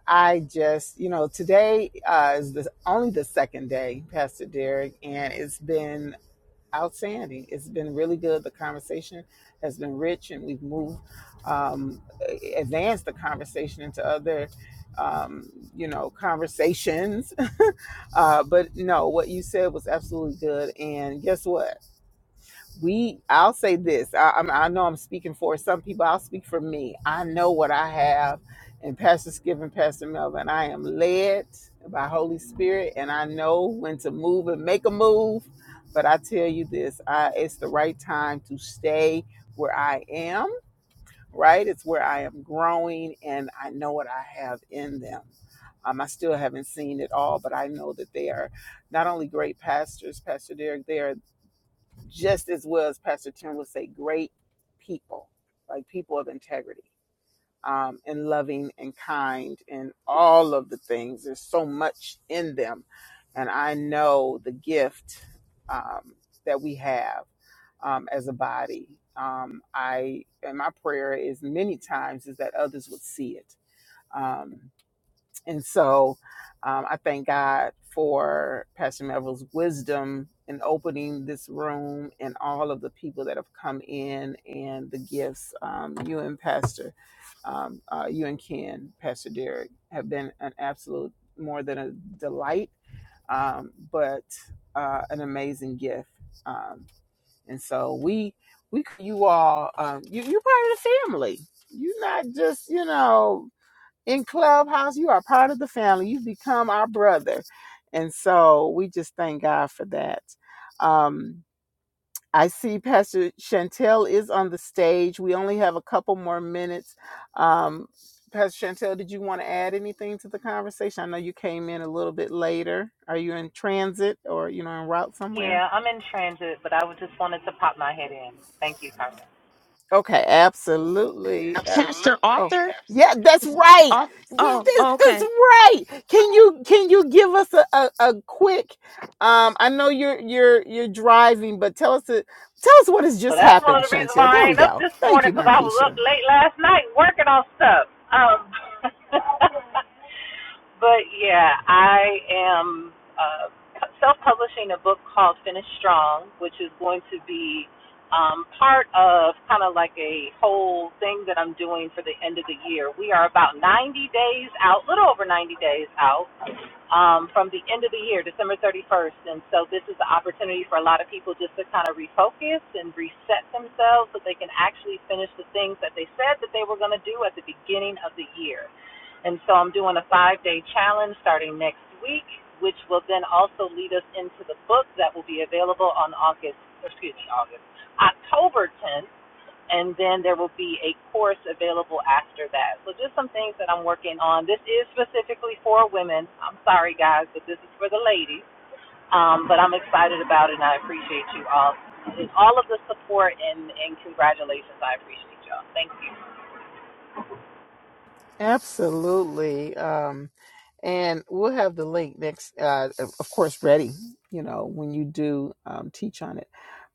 S1: i just you know today uh, is the only the second day pastor derek and it's been outstanding. It's been really good. The conversation has been rich, and we've moved, um, advanced the conversation into other, um, you know, conversations. uh, but no, what you said was absolutely good. And guess what? we i'll say this I, I'm, I know i'm speaking for some people i'll speak for me i know what i have and pastor skip and pastor melvin i am led by holy spirit and i know when to move and make a move but i tell you this I, it's the right time to stay where i am right it's where i am growing and i know what i have in them um, I still haven't seen it all, but I know that they are not only great pastors, Pastor Derek. They are just as well as Pastor Tim would say, great people, like people of integrity um, and loving and kind and all of the things. There's so much in them. And I know the gift um, that we have um, as a body. Um, I and my prayer is many times is that others would see it. Um, and so um, I thank God for Pastor Melville's wisdom in opening this room and all of the people that have come in and the gifts. Um, you and Pastor, um, uh, you and Ken, Pastor Derek, have been an absolute more than a delight, um, but uh, an amazing gift. Um, and so we, we, you all, um, you, you're part of the family. You're not just, you know, in Clubhouse. You are part of the family. You've become our brother. And so we just thank God for that. Um, I see Pastor Chantel is on the stage. We only have a couple more minutes. Um, Pastor Chantel, did you want to add anything to the conversation? I know you came in a little bit later. Are you in transit or you know en route somewhere?
S10: Yeah, I'm in transit, but I was just wanted to pop my head in. Thank you, Carmen.
S1: Okay, absolutely.
S2: Pastor
S1: Abs-
S2: Absolutely.
S1: oh,
S2: Arthur?
S1: yeah, that's right.
S2: Ar-
S1: We
S2: oh,
S1: this,
S2: oh,
S1: that's
S2: okay.
S1: right. Can you can you give us a, a, a quick? Um, I know you're you're you're driving, but tell us a, tell us what has
S10: So
S1: just
S10: that's one
S1: happened,
S10: of the reasons why
S1: Chantel.
S10: I
S1: There we
S10: ain't up
S1: go.
S10: this
S1: Thank
S10: morning
S1: you,
S10: because I was up
S1: Markeisha.
S10: late last night working on stuff. Um, but yeah, I am uh, self-publishing a book called Finish Strong, which is going to be um, part of kind of like a whole thing that I'm doing for the end of the year. We are about 90 days out, little over 90 days out um, from the end of the year, December 31st. And so this is an opportunity for a lot of people just to kind of refocus and reset themselves so they can actually finish the things that they said that they were going to do at the beginning of the year. And so I'm doing a five day challenge starting next week, which will then also lead us into the book that will be available on August, excuse me, August, October 10th and then there will be a course available after that. So just some things that I'm working on. This is specifically for women. I'm sorry guys, but this is for the ladies. Um, but I'm excited about it and I appreciate you all. all of the support and, and congratulations. I appreciate y'all. Thank you.
S1: Absolutely. Um, and we'll have the link next, uh, of of course, ready, you know, when you do um, teach on it.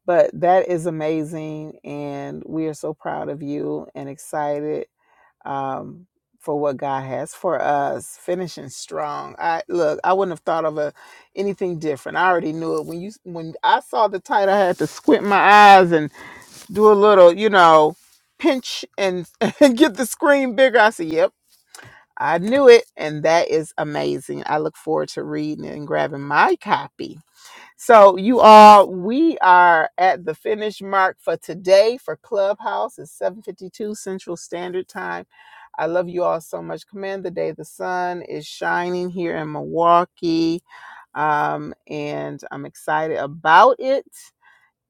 S1: But that is amazing. And we are so proud of you and excited um, for what God has for us, finishing strong. I look, I wouldn't have thought of a, anything different. I already knew it. When you, when I saw the title, I had to squint my eyes and do a little, you know, pinch and, and get the screen bigger. I said, yep I knew it, and that is amazing. I look forward to reading it and grabbing my copy. So, you all, we are at the finish mark for today for Clubhouse. It's 7:52 Central Standard Time. I love you all so much. Command the day. The sun is shining here in Milwaukee, um, and I'm excited about it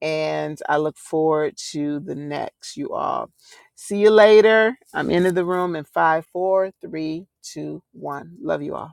S1: and I look forward to the next, you all. See you later. I'm into the room in five, four, three, two, one. Love you all.